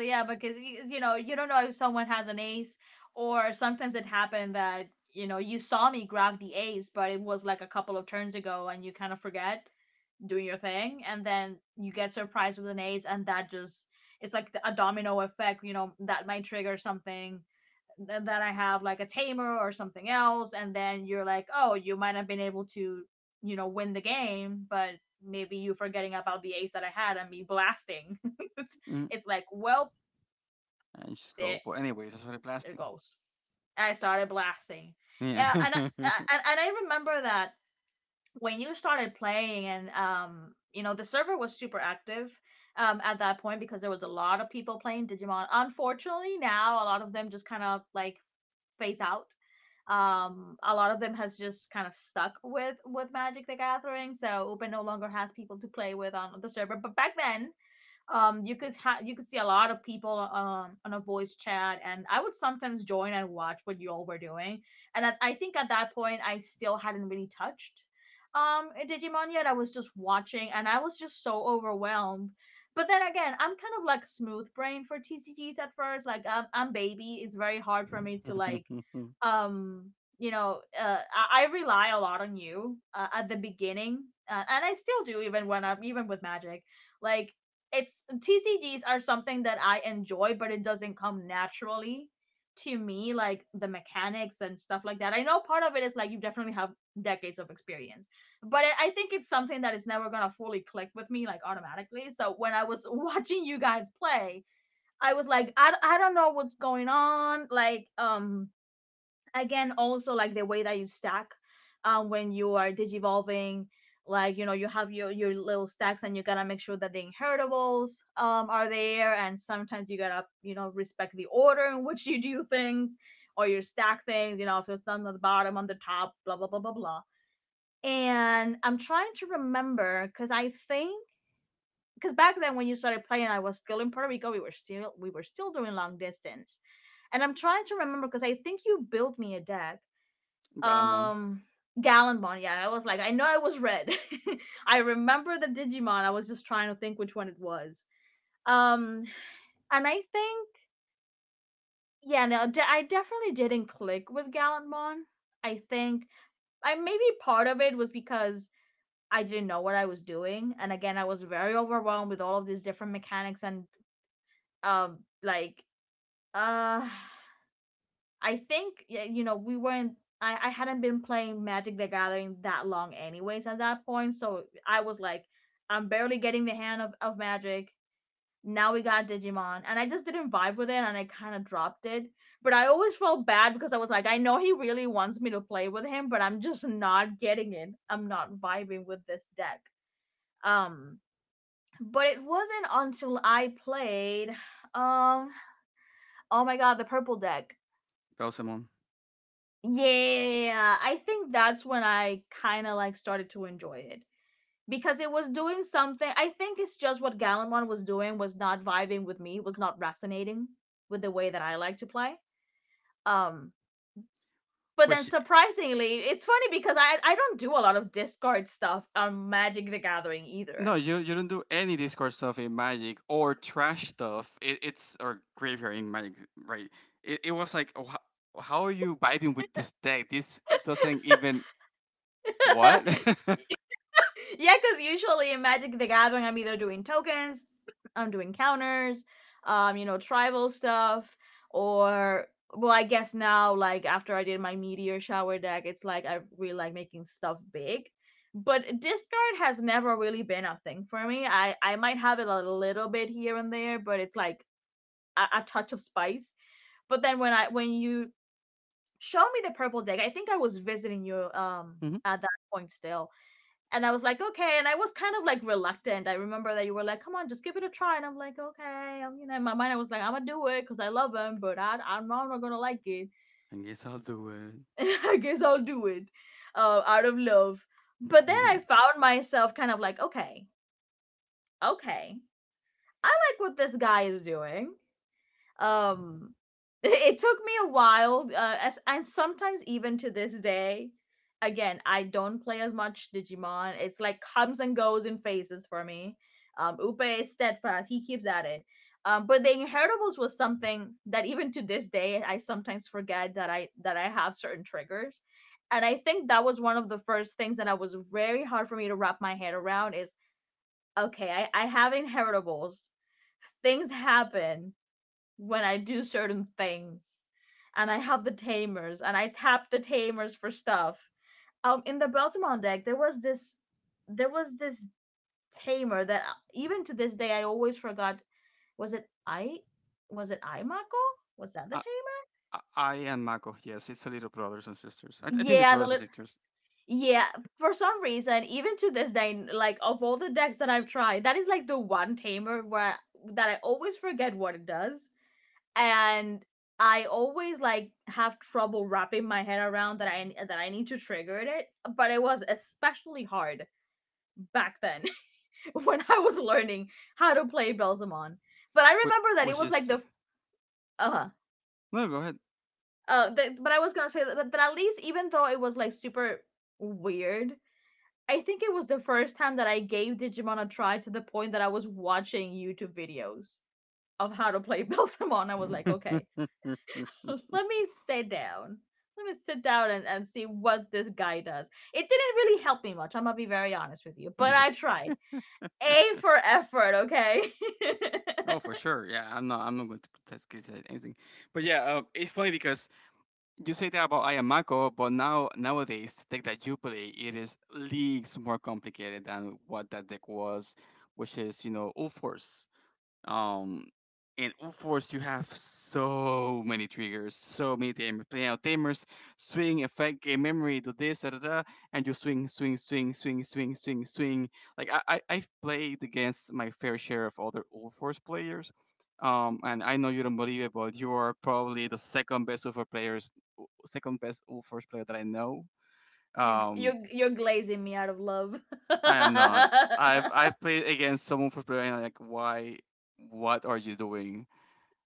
yeah, because you know you don't know if someone has an ace, or sometimes it happened that you know you saw me grab the ace, but it was like a couple of turns ago, and you kind of forget. Doing your thing, and then you get surprised with an ace, and that just, it's like a domino effect, you know, that might trigger something that I have, like a tamer or something else, and then you're like, oh, you might have been able to, you know, win the game, but maybe you forgetting about the ace that I had and me blasting. it's, Mm, it's like well and just there, go. But anyways, I started there blasting. goes, I started blasting. Yeah. Yeah, and and I remember that when you started playing and you know the server was super active at that point because there was a lot of people playing Digimon. Unfortunately now a lot of them just kind of like phase out. A lot of them has just kind of stuck with Magic the Gathering, so Open no longer has people to play with on the server. But back then, you could you could see a lot of people on a voice chat, and I would sometimes join and watch what you all were doing. And I think at that point I still hadn't really touched Digimon yet. I was just watching, and I was just so overwhelmed. But then again, I'm kind of like smooth brain for TCGs at first. Like I'm baby. It's very hard for me to like um you know I rely a lot on you at the beginning, and I still do even when I'm even with Magic. Like, it's TCGs are something that I enjoy, but it doesn't come naturally to me, like the mechanics and stuff like that. I know part of it is like you definitely have decades of experience, but it, I think it's something that is never gonna fully click with me like automatically. So when I was watching you guys play, I was like, I don't know what's going on. Like, again also like the way that you stack when you are digivolving, like you know you have your little stacks, and you gotta make sure that the inheritables are there, and sometimes you gotta, you know, respect the order in which you do things, or you stack things, you know, if it's done on the bottom, on the top, blah blah blah blah blah. And I'm trying to remember because I think, because back then when you started playing, I was still in Puerto Rico. We were still, we were still doing long distance, and I'm trying to remember because I think you built me a deck. Galamon. um Gallimbon, yeah, I was like, I know it was red. I remember the Digimon. I was just trying to think which one it was. Um, and I think, yeah, no, I definitely didn't click with Gallimbon. I think I, maybe part of it was because I didn't know what I was doing, and again, I was very overwhelmed with all of these different mechanics and, um, like uh, I think you know, we weren't. I hadn't been playing Magic the Gathering that long, anyways. At that point, so I was like, I'm barely getting the hand of Magic. Now we got Digimon, and I just didn't vibe with it, and I kind of dropped it. But I always felt bad because I was like, I know he really wants me to play with him, but I'm just not getting it. I'm not vibing with this deck. Um, but it wasn't until I played, um, oh my god, the purple deck. Belzemon. Yeah, I think that's when I kind of like started to enjoy it, because it was doing something. I think it's just what Gallimon was doing was not vibing with me, was not resonating with the way that I like to play. Um, but then Which surprisingly, it's funny because I don't do a lot of discard stuff on Magic the Gathering no, either. you don't do any Discord stuff in Magic or trash stuff. It's or graveyard in Magic, right? It was like, oh, how are you vibing with this deck? This doesn't even what? Yeah, because usually in Magic the Gathering, I'm either doing tokens, I'm doing counters, you know, tribal stuff, or, well, I guess now, like after I did my meteor shower deck, it's like I really like making stuff big. But discard has never really been a thing for me. I might have it a little bit here and there, but it's like a touch of spice. But then when I, when you showed me the purple deck, I think I was visiting you Mhm. at that point still. And I was like, okay. And I was kind of like reluctant. I remember that you were like, come on, just give it a try. And I'm like, okay. I'm, you know, in my mind, I was like, I'm going to do it because I love him, but I know I'm not not going to like it. I guess I'll do it. I guess I'll do it, out of love. But then I Mhm. found myself kind of like, okay, okay. I like what this guy is doing. Um, it took me a while, as and sometimes even to this day. Again, I don't play as much Digimon. It's like comes and goes in phases for me. Upe is steadfast. He keeps at it. But the Inheritables was something that even to this day I sometimes forget that I, that I have certain triggers, and I think that was one of the first things that I was very hard for me to wrap my head around. Is, okay, I have Inheritables, things happen, when I do certain things. And I have the tamers and I tap the tamers for stuff. In the Beltamon deck, there was this, there was this tamer that, even to this day I always forgot, was it I was it I Mako? Was that the I, tamer? I am Mako. Yes, it's a little brothers and sisters. I think they're Yeah, brothers and sisters. yeah, for some reason, even to this day, like of all the decks that I've tried, that is like the one tamer where, that I always forget what it does, and I always like have trouble wrapping my head around that I, that I need to trigger it, but it was especially hard back then when I was learning how to play Belzamon. But I remember that it Which was like is the, uh-huh, No, go but I was gonna say that, that at least even though it was like super weird, I think it was the first time that I gave Digimon a try to the point that I was watching YouTube videos of how to play Belzamon. I was like, okay, ahead. let me sit down. Let me sit down and see what this guy does. It didn't really help me much, I'm gonna be very honest with you, but I tried. A for effort, okay? Oh, for sure. Yeah, I'm not going to criticize anything. But yeah, it's funny because you say that about Ayamako, but nowadays the deck that you play it is leagues more complicated than what that deck was, which is Ulforce. Um, in UFOs, you have so many triggers, so many tamers. You out tamers, swing, effect, game memory, do this, da da da, and you swing, swing, swing, swing, swing, swing, swing. Like I've played against my fair share of other UFOs players. And I know you don't believe it, but you are probably the second best UFO players, second best UFOs player that I know. you Um, you you're glazing me out of love. I am not. I've played against someone for playing like why, what are you doing?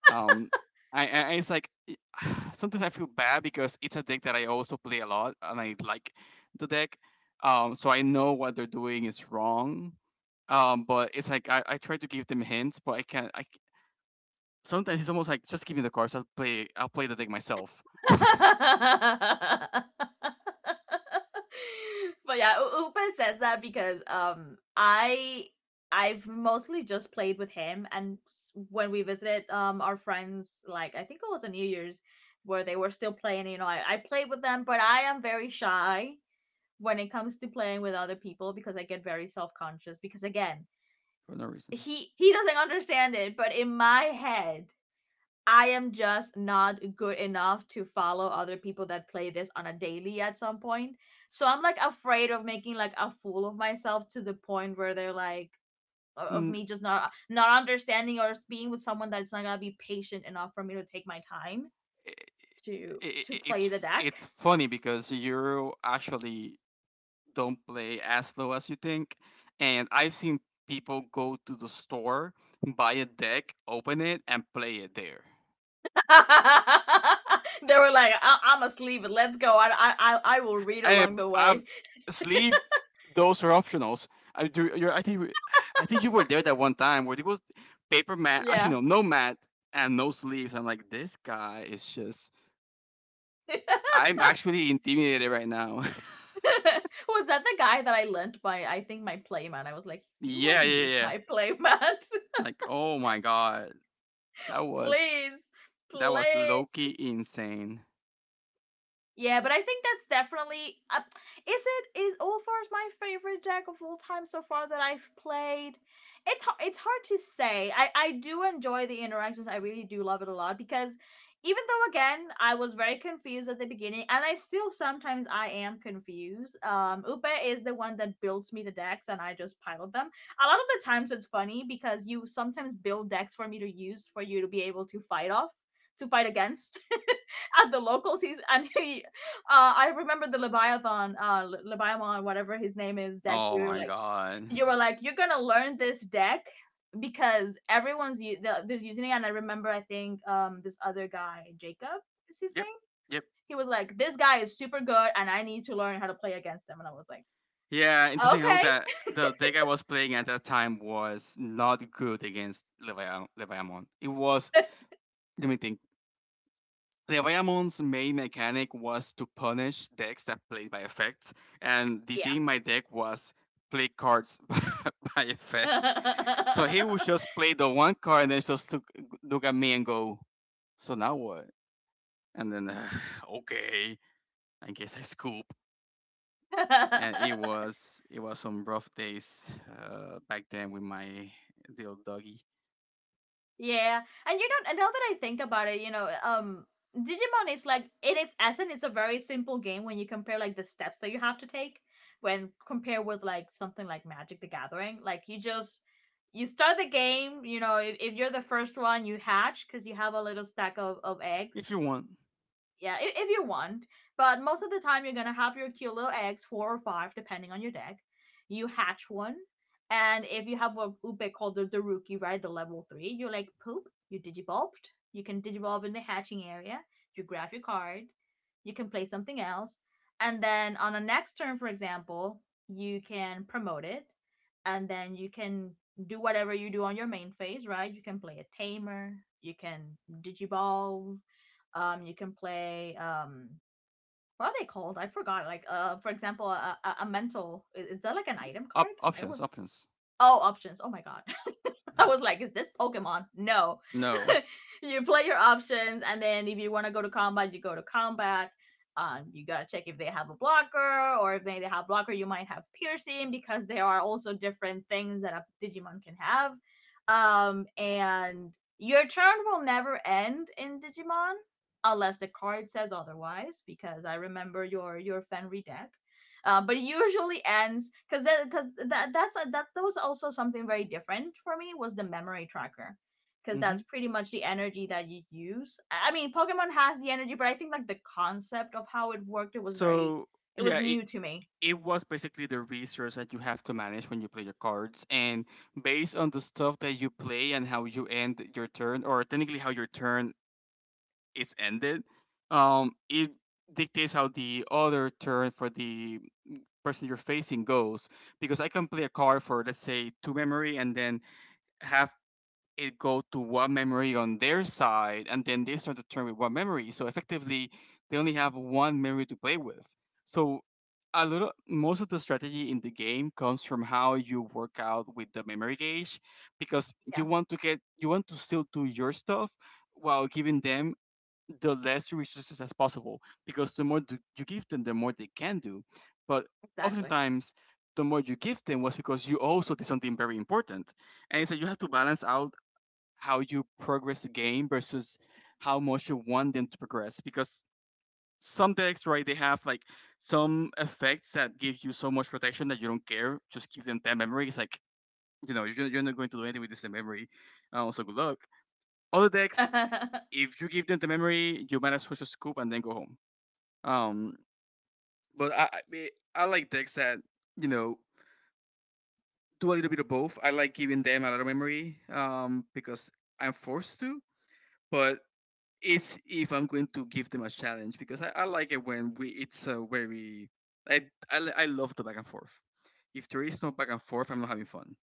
Um, I, I I- it's like it- Sometimes I feel bad because it's a deck that I also play a lot and I like the deck. So I know what they're doing is wrong. But it's like I try to give them hints, but I can't. Sometimes it's almost like just give me the cards. I'll play the deck myself But yeah, Upe says that because I, I've mostly just played with him, and when we visited our friends, like I think it was a New Year's where they were still playing. You know, I played with them, but I am very shy when it comes to playing with other people because I get very self conscious, because again for no reason. he doesn't understand it, but in my head I am just not good enough to follow other people that play this on a daily at some point. So I'm like afraid of making like a fool of myself to the point where they're like, of N- me just not, understanding, or being with someone that's not gonna be patient enough for me to take my time to, i- i- i- it's play the f- deck. it's funny because you're actually don't play as low as you think. And I've seen people go to the store, buy a deck, open it, and play it there. They were like, I'm asleep. Let's go. I will read I, along the I way. sleeve those are optionals. I do. You're, I think we- I think you were there that one time where it was paper mat. Actually, Yeah. no, no mat and no sleeves. I'm like, this guy is just. I'm actually intimidated right now. Was that the guy that I lent my, I think my playmat? I was like, you want Yeah, to yeah, use yeah. my playmat? Like, oh my god, that was Please, that was please. low key insane. Yeah, but I think that's definitely. Is it, is Ulfar's my favorite deck of all time so far that I've played? It's hard. It's hard to say. I do enjoy the interactions. I really do love it a lot because, even though again I was very confused at the beginning, and I still sometimes I am confused. Upe is the one that builds me the decks, and I just pilot them. A lot of the times it's funny because you sometimes build decks for me to use, for you to be able to fight off, to fight against at the locals. Uh, I remember the Leviathan, Leviathan, whatever his name is, deck. Oh You were my like, god. You're gonna learn this deck because everyone's, there's using it. And I remember, I think, this other guy, Jacob, is his Yep. name. Yep. He was like, this guy is super good, and I need to learn how to play against him. And I was like, Yeah, interesting how okay, that the deck I was playing at that time was not good against Leviamon. It was let me think. Leviamon's main mechanic was to punish decks that played by effects, and the thing in my deck was play cards by effects. yeah. So he would just play the one card and then just look at me and go, "So now what?" And then, okay, I guess I scoop. And it was it was some rough days back then with my little doggy. Yeah, and you know, now that I think about it, you know, Digimon is like in its essence, it's a very simple game when you compare like the steps that you have to take when compared with like something like Magic the Gathering. Like you just, you start the game, you know, if you're the first one, you hatch because you have a little stack of If eggs, you want yeah, if you want. But most of the time, you're gonna have your cute little eggs, 4 or 5, depending on your deck. You hatch one, and if you have what Ube called the rookie, right, the level 3, you like poop, you digivolved. You can digivolve in the hatching area. You grab your card. You can play something else, and then on the next turn, for example, you can promote it, and then you can do whatever you do on your main phase, right? You can play a tamer. You can digivolve, you can play, what are they called? I forgot. Like for example, a mental is that like an item card? op- I options, always, options. all options. Oh my god. I was like, is this Pokemon? No. No. You play your options, and then if you want to go to combat, you go to combat. You gotta check if they have a blocker, or if they, they have blocker, you might have piercing because there are also different things that a Digimon can have. And your turn will never end in Digimon unless the card says otherwise. Because I remember your Fenry deck, but it usually ends because that that's a, that that was also something very different for me was the memory tracker, because hmm that's pretty much the energy that you use. I mean Pokemon has the energy, but I think like the concept of how it worked, it was very. So It was yeah, it new to me. it was basically the resource that you have to manage when you play your cards, and based on the stuff that you play and how you end your turn, or technically how your turn is ended, it dictates how the other turn for the person you're facing goes because I can play a card for let's say two memory and then have it go to one memory on their side, and then they start to turn with one memory. So effectively, they only have one memory to play with. So most of the strategy in the game comes from how you work out with the memory gauge, because you Yeah, want to get, you want to still do your stuff while giving them the less resources as possible because the more you give them, the more they can do. But exactly. oftentimes, the more you give them was because you also did something very important. And it's that you have to balance out how you progress the game versus how much you want them to progress because some decks, right, they have like some effects that give you so much protection that you don't care. Just give them that memory. It's like, you know, you're not going to do anything with this memory. So good luck. Other decks, if you give them the memory, you might as well just scoop and then go home. Um, but I mean, I like decks that you know do a little bit of both. I like giving them a lot of memory because I'm forced to, but it's if I'm going to give them a challenge because I like it when we it's a very I, I li- I love the back and forth. If there is no back and forth, I'm not having fun.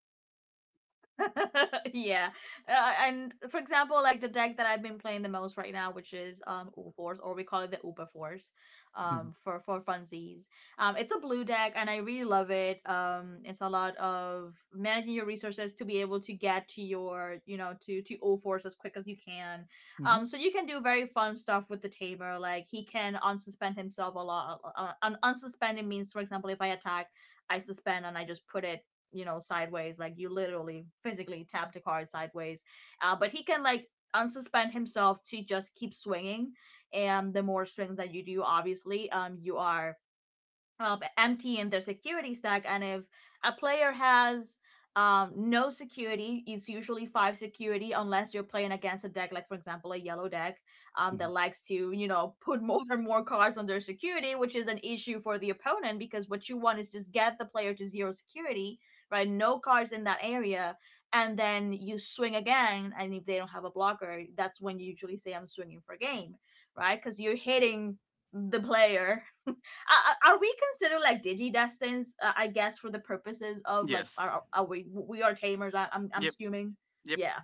Yeah, and for example, like the deck that I've been playing the most right now, which is Uber Force, or we call it the Uber Force, for funsies. It's a blue deck, and I really love it. It's a lot of managing your resources to be able to get to your, you know, to O Force as quick as you can. Mm-hmm. So you can do very fun stuff with the tamer. Like he can unsuspend himself a lot. Unsuspending means, for example, if I attack, I suspend and I just put it, you know, sideways, like you literally physically tap the card sideways. But he can like unsuspend himself to just keep swinging, and the more swings that you do, obviously, you are, empty in their security stack. And if a player has, no security — it's usually five security unless you're playing against a deck, like for example, a yellow deck that Hmm. likes to, you know, put more and more cards on their security, which is an issue for the opponent, because what you want is just get the player to zero security, right? No cards in that area. And then you swing again. And if they don't have a blocker, that's when you usually say, I'm swinging for game, right? Because you're hitting the player. Are we considered like digi destins? I guess for the purposes of like, Yes. are, we are tamers? I'm Yep. assuming. Yep. Yeah.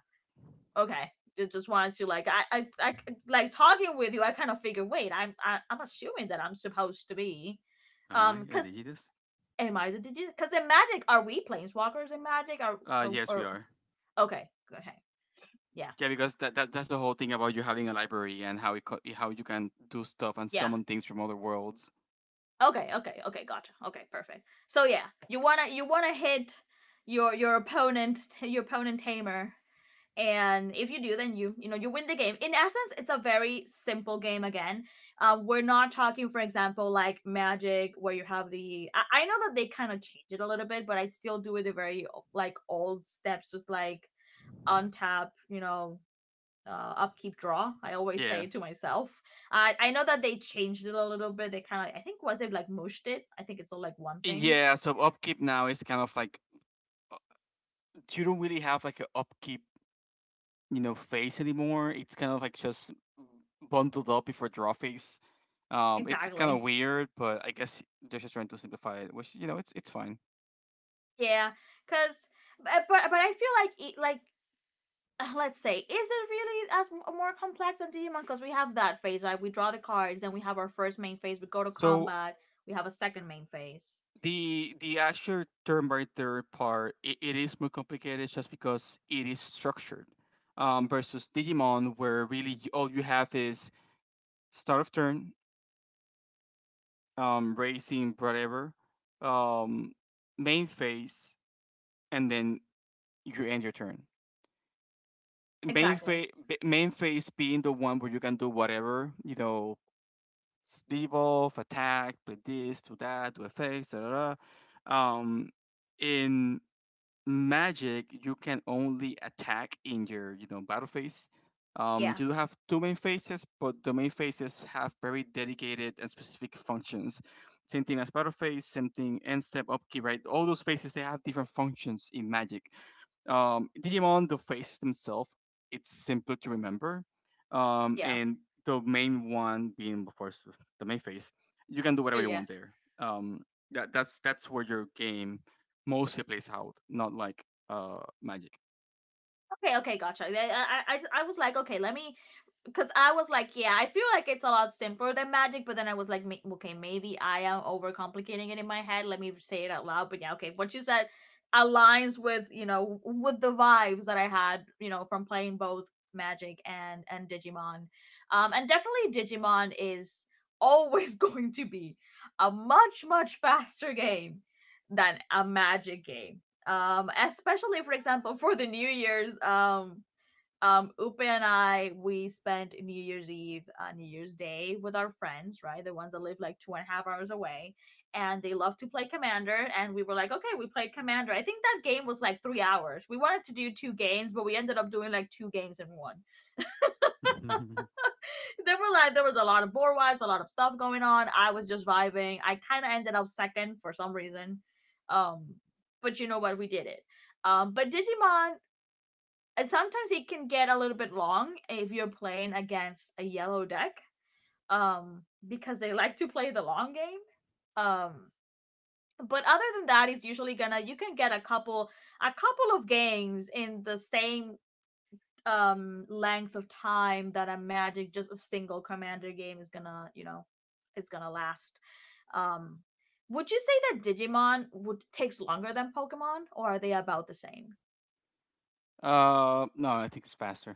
Okay. Just wanted to like I like talking with you. I kind of figured. Wait, I'm assuming that I'm supposed to be, Am I? Because Did you Digitus? am I the digi? Because in Magic, are we planeswalkers in Magic? Are Uh, or, yes, we or are. Okay, okay, yeah, Yeah, because that's the whole thing about you having a library and how you can do stuff and yeah, summon things from other worlds. okay, okay, okay, gotcha. Okay, perfect. So yeah, you wanna hit your opponent, your opponent tamer. And if you do, then you know, you win the game. In essence, it's a very simple game again. Um, we're not talking, for example, like Magic, where you have the I know that they kind of change it a little bit, but I still do it the very like old steps, just like untap, you know, upkeep draw, I always Yeah, say it to myself. I know that they changed it a little bit. They kind of, I think, was it like mushed it? I think it's all like one thing. yeah. So upkeep now is kind of like uh, you don't really have like an upkeep phase anymore. It's kind of like just bundled up before draw phase. It's kind of Exactly. weird, but I guess they're just trying to simplify it, which it's fine. Yeah, because but I feel like it, let's say, is it really as more complex than Digimon? Because we have that phase, right? We draw the cards, then we have our first main phase. We go to So combat. We have a second main phase. the actual term by term part it is more complicated just because it is structured versus Digimon where really all you have is start of turn, racing whatever, um, main phase, and then you end your turn. Main Exactly. phase main phase being the one where you can do whatever you know, devolve, attack, play this, do that, do effects, da da da. Um, in Magic you can only attack in your battle phase, you Yeah. do have two main phases but the main phases have very dedicated and specific functions, same thing as battle phase, same thing end step upkeep, right, all those phases they have different functions in Magic. Digimon, the faces themselves, it's simple to remember. Um, Yeah. and the main one being, of course, the main face, you can do whatever you Yeah. want there. Um, that's where your game mostly plays out, not like Magic. Okay. Okay. Gotcha. Yeah, I was like, okay, let me, because I was like, yeah, I feel like it's a lot simpler than Magic, but then I was like, okay, maybe I am overcomplicating it in my head. Let me say it out loud. But yeah, okay, what you said aligns with, you know, with the vibes that I had, you know, from playing both Magic and Digimon, and definitely Digimon is always going to be a much much faster game than a Magic game, um, especially for example for the new year's, Upe and I, we spent New Year's Eve, New Year's Day with our friends, right? The ones that live like 2.5 hours away, and they love to play Commander. And we were like, okay, we played Commander. I think that game was like 3 hours. We wanted to do two games, but we ended up doing like two games in one. There were there was a lot of board wipes, a lot of stuff going on. I was just vibing. I kind of ended up second for some reason, um, but you know what? We did it. But Digimon, and sometimes it can get a little bit long if you're playing against a yellow deck, um, because they like to play the long game, um, but other than that, it's usually gonna, you can get a couple of games in the same, um, length of time that a Magic, just a single Commander game, is gonna, you know, is gonna last, um, would you say that Digimon would takes longer than Pokemon, or are they about the same? No, I think it's faster.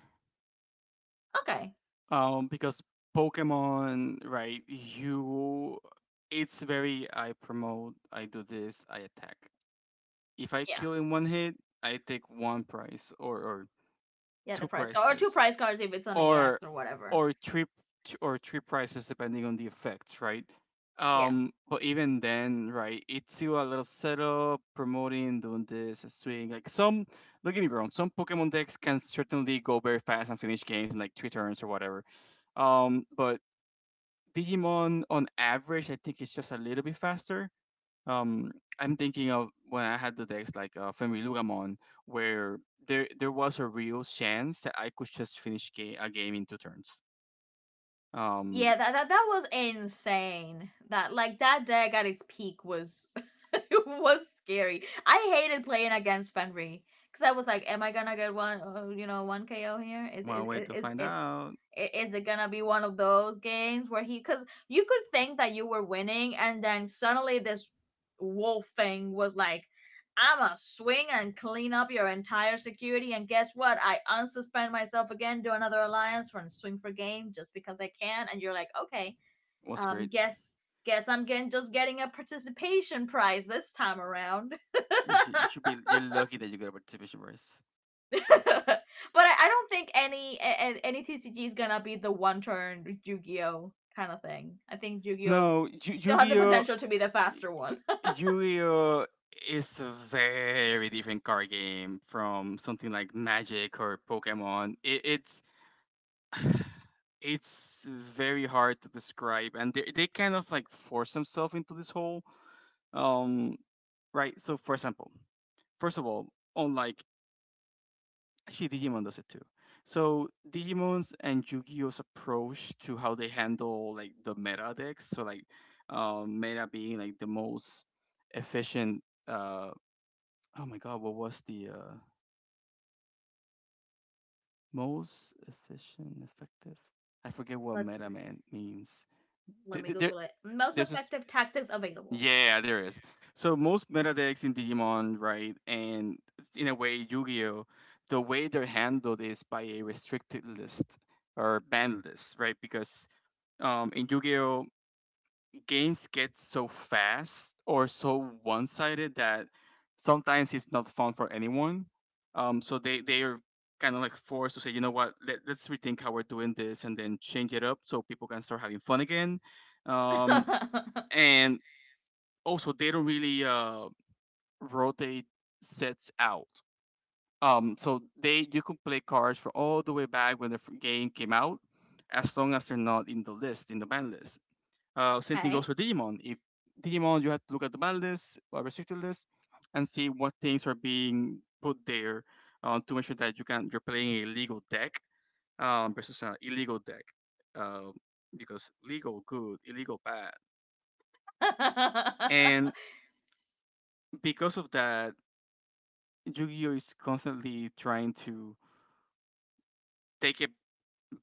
Okay, Because Pokemon, right? It's very I promote, I do this, I attack. If I yeah. kill in one hit, I take one price or Yeah, the two prize car or two prices prize cars if it's on or EX or whatever. or three prices depending on the effect, right? Yeah. But even then, right, it's still a little setup, promoting, doing this, a swing. Like some, don't get me wrong, some Pokemon decks can certainly go very fast and finish games in like three turns or whatever. But Digimon on average, I think it's just a little bit faster. um I'm thinking of when I had the text like Femi Lugamon, where there was a real chance that I could just finish a game in two turns. Um, Yeah, that that was insane. That like that deck at its peak was it was scary. I hated playing against Fenry because I was like, am I gonna get one? You know, one KO here? One way to find out Is it gonna be one of those games where he? Because you could think that you were winning, and then suddenly this wolf thing was like, "I'ma swing and clean up your entire security." And guess what? I unsuspend myself again, do another alliance for and swing for game just because I can. And you're like, okay, was um, great. guess guess I'm getting just getting a participation prize this time around. You should be you're lucky that you got a participation prize. But I don't think any TCG is gonna be the one turn Yu-Gi-Oh kind of thing. I think Yu-Gi-Oh No, still has the potential to be the faster one. Yu-Gi-Oh is a very different card game from something like Magic or Pokemon. It's very hard to describe and they kind of like force themselves into this whole um right, so for example, first of all, on like actually Digimon does it too. So Digimon's and Yu-Gi-Oh's approach to how they handle like the meta decks, so like meta being like the most efficient, oh my god, what was the most efficient effective. I forget what Let's meta man means. Let Th- me th- there, Google it. Most there's this. effective tactics available. Yeah, there is. So most meta decks in Digimon, right, and in a way Yu-Gi-Oh, the way they're handled is by a restricted list or banned list, right? Because in Yu-Gi-Oh, games get so fast or so one-sided that sometimes it's not fun for anyone. So they are kind of like forced to say, you know what, let's rethink how we're doing this and then change it up so people can start having fun again. Um, and also they don't really rotate sets out. So they you can play cards for all the way back when the game came out, as long as they're not in the list in the ban list. Same thing goes Okay. for Digimon. If Digimon, you have to look at the ban list or restricted list, and see what things are being put there to make sure that you're playing a legal deck versus an illegal deck, uh, because legal good, illegal bad, and because of that, Yu-Gi-Oh is constantly trying to take it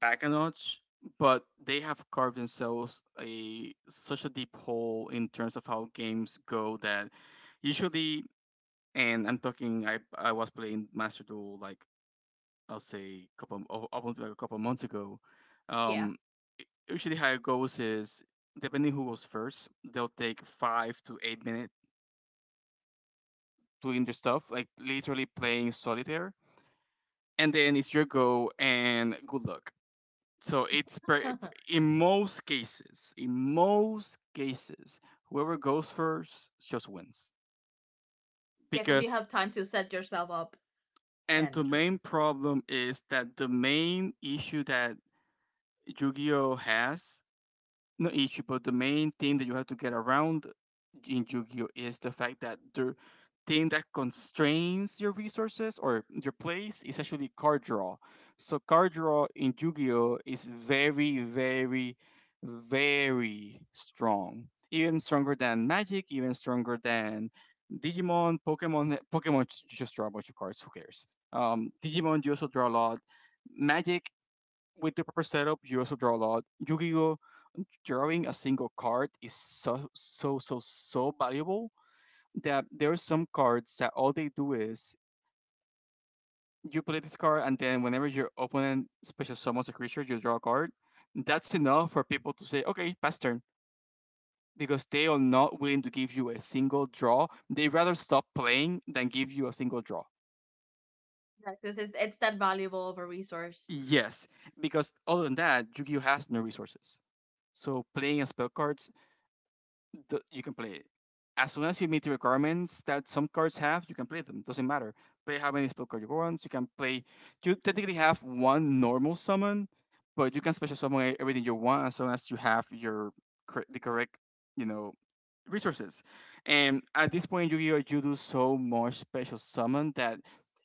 back a notch, but they have carved themselves a such a deep hole in terms of how games go that usually, and I'm talking, I was playing Master Duel like I'll say up until like a couple of months ago. Yeah. Um, usually how it goes is depending who goes first, they'll take 5 to 8 minutes doing their stuff, like literally playing solitaire, and then it's your go and good luck. So it's pre- Yeah, in most cases, whoever goes first just wins because you because, have time to set yourself up and the and just main problem is that the main issue that Yu-Gi-Oh has no issue, but the main thing that you have to get around in Yu-Gi-Oh is the fact that the thing that constrains your resources or your place is actually card draw. So card draw in Yu-Gi-Oh is very, very, very strong. Even stronger than Magic, even stronger than Digimon, Pokemon. Pokemon you just draw a bunch of cards. Who cares? Digimon you also draw a lot. Magic, with the proper setup, you also draw a lot. Yu-Gi-Oh, drawing a single card is so so so so valuable that there are some cards that all they do is you play this card and then whenever your opponent special summons a creature, you draw a card. That's enough for people to say, okay, pass turn. Because they are not willing to give you a single draw. They rather stop playing than give you a single draw. practice. It's that valuable of a resource. Yes, because other than that, Yu-Gi-Oh has no resources. So playing a spell card you can play it. As soon as you meet the requirements that some cards have, you can play them. Doesn't matter. Play how many spell cards you want. You can play. You technically have one normal summon, but you can special summon everything you want as long as you have your the correct, you know, resources. And at this point, in Yu-Gi-Oh, you do so much special summon that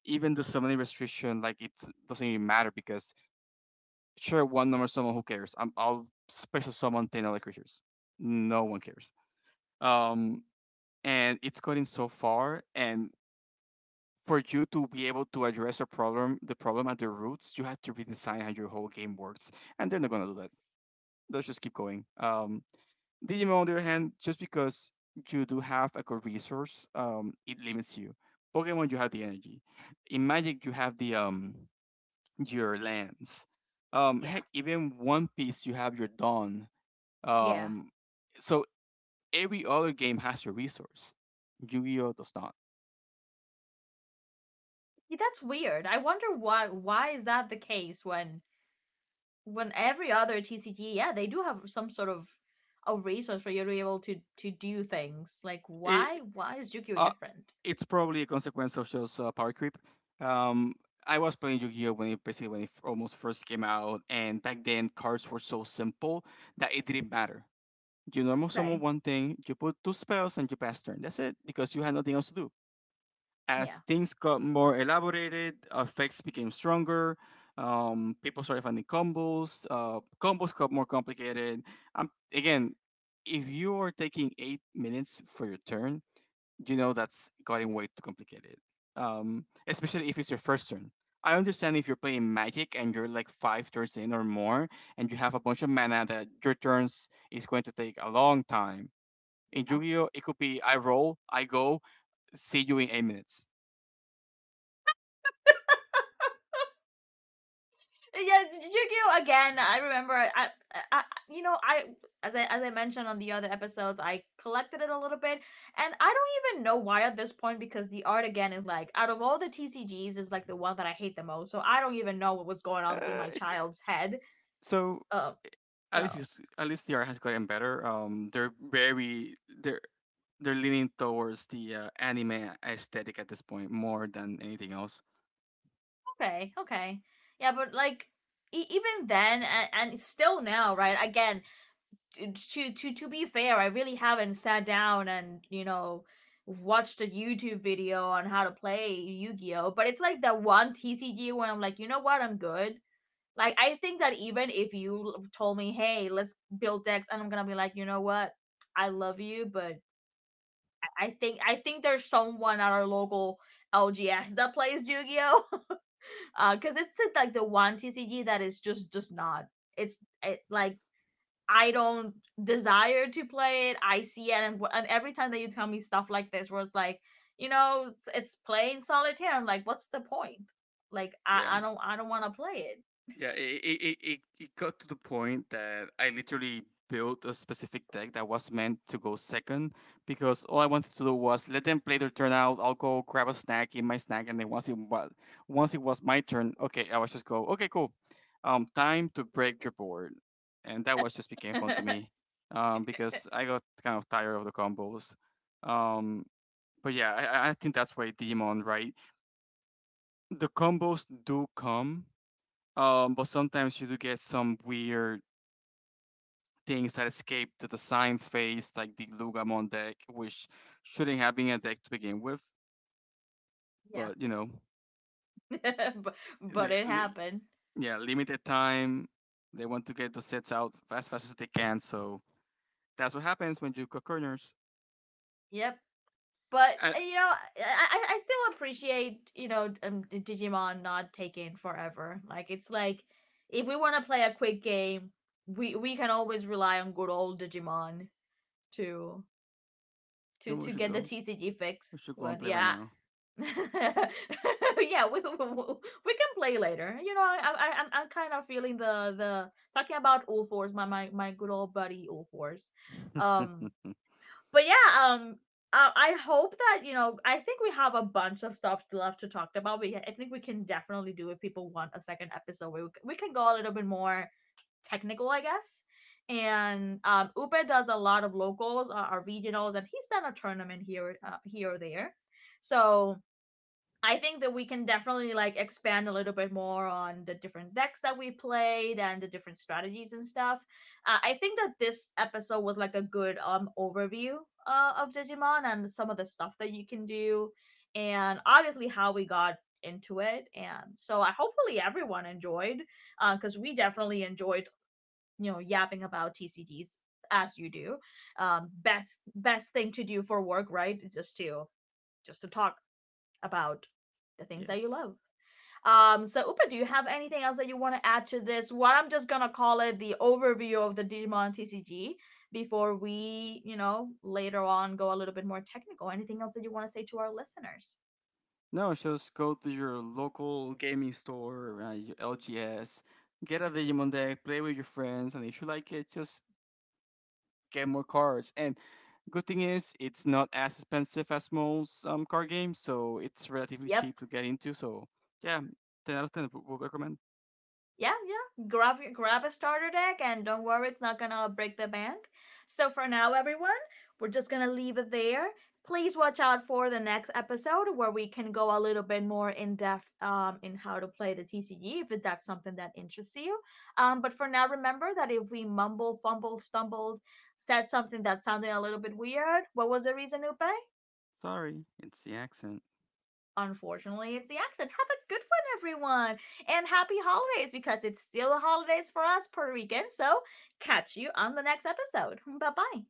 even the summoning restriction, like, it doesn't even matter because sure, one normal summon, who cares? I'll special summon ten other creatures. No one cares. Um, and it's gotten so far, and for you to be able to address a problem the problem at the roots, you have to redesign how your whole game works, and they're not going to do that. Let's just keep going. Digimon, on the other hand, just because you do have, like, a good resource, it limits you. Pokemon, you have the energy. In Magic you have the your lands. Yeah. Heck, even One Piece you have your dawn. Yeah. um so every other game has your resource. Yu-Gi-Oh does not. Yeah, that's weird. I wonder why is that the case when every other TCG, yeah, they do have some sort of a resource for you to be able to do things. Like it, why is Yu-Gi-Oh uh. different? It's probably a consequence of just power creep. Um, I was playing Yu-Gi-Oh when it basically, when it almost first came out, and back then cards were so simple that it didn't matter. You normal summon Okay, one thing, you put two spells, and you pass turn. That's it, because you had nothing else to do. yeah. As things got more elaborated, effects became stronger. People started finding combos. Combos got more complicated. Again, if you are taking 8 minutes for your turn, you know that's gotten way too complicated. Especially if it's your first turn. I understand if you're playing Magic and you're like five turns in or more, and you have a bunch of mana that your turns is going to take a long time. In Yu-Gi-Oh, it could be I roll, I go, see you in 8 minutes. Yeah, yeah, Yu-Gi-Oh again. I remember I You know, I as I, as I mentioned on the other episodes, I collected it a little bit, and I don't even know why at this point, because the art again is like out of all the TCGs is like the one that I hate the most. So I don't even know what was going on through my It's child's head. so Um, At least so at least the art has gotten better. They're very, they're they're leaning towards the anime aesthetic at this point more than anything else. okay, okay. Yeah, but like even then, and still now, right? Again, to be fair, I really haven't sat down and, you know, watched a YouTube video on how to play Yu-Gi-Oh, but it's like that one TCG where I'm like, "You know what? I'm good." Like I think that even if you told me, "Hey, let's build decks," and I'm going to be like, "You know what? I love you, but I think there's someone at our local LGS that plays Yu-Gi-Oh." Because it's like the one TCG that is just does not. It's, like, I don't desire to play it. I see it, and every time that you tell me stuff like this, where it's like, you know, it's playing solitaire. I'm like, what's the point? Like, Yeah. I don't want to play it. Yeah, it got to the point that I literally built a specific deck that was meant to go second because all I wanted to do was let them play their turn out. I'll go grab a snack, eat my snack, and then once it was my turn, okay, I was just go, okay, cool. Time to break your board, and that was just became fun to me, because I got kind of tired of the combos. Um, but yeah, I think that's why Digimon, right? The combos do come, but sometimes you do get some weird things that escape to the sign phase, like the Lugamon deck, which shouldn't have been a deck to begin with. Yeah. But you know, but, but they, it li- happened. yeah, limited time. They want to get the sets out as fast as they can, so that's what happens when you cut corners. Yep. But I, you know, I still appreciate, you know, Digimon not taking forever. Like it's like, if we want to play a quick game, we can always rely on good old Digimon to then what we to should get the do? TCG fix. We should go and When play right yeah, now. yeah, we can play later. You know, I'm kind of feeling the talking about Ulfors, my good old buddy Ulfors. Um, but yeah, I hope that, you know, I think we have a bunch of stuff left to talk about. I think we can definitely do, if people want a second episode. We can go a little bit more technical, I guess. And Upe does a lot of locals, our regionals, and he's done a tournament here, here or there. So I think that we can definitely like expand a little bit more on the different decks that we played and the different strategies and stuff. I think that this episode was like a good, um, overview, of Digimon and some of the stuff that you can do, and obviously how we got into it. And so I hopefully everyone enjoyed, because we definitely enjoyed, you know, yapping about TCGs as you do. Best thing to do for work, right? Just to talk about the things that you yes. love. So Upa, do you have anything else that you want to add to this? What I'm just gonna call it the overview of the Digimon TCG, before we, you know, later on go a little bit more technical. Anything else that you want to say to our listeners? No, just go to your local gaming store, your LGS, get a Digimon deck, play with your friends, and if you like it, just get more cards. And good thing is, it's not as expensive as most card games, so it's relatively Yep. cheap to get into. So yeah, ten out of ten would recommend. Yeah, yeah. Grab a starter deck, and don't worry, it's not gonna break the bank. So for now, everyone, we're just gonna leave it there. Please watch out for the next episode where we can go a little bit more in depth, in how to play the TCG if that's something that interests you. But for now, remember that if we mumble, fumble, stumbled, said something that sounded a little bit weird, what was the reason, Upe? Sorry, it's the accent. Unfortunately, it's the accent. Have a good one, everyone, and happy holidays because it's still the holidays for us Puerto Ricans. So, catch you on the next episode. Bye bye.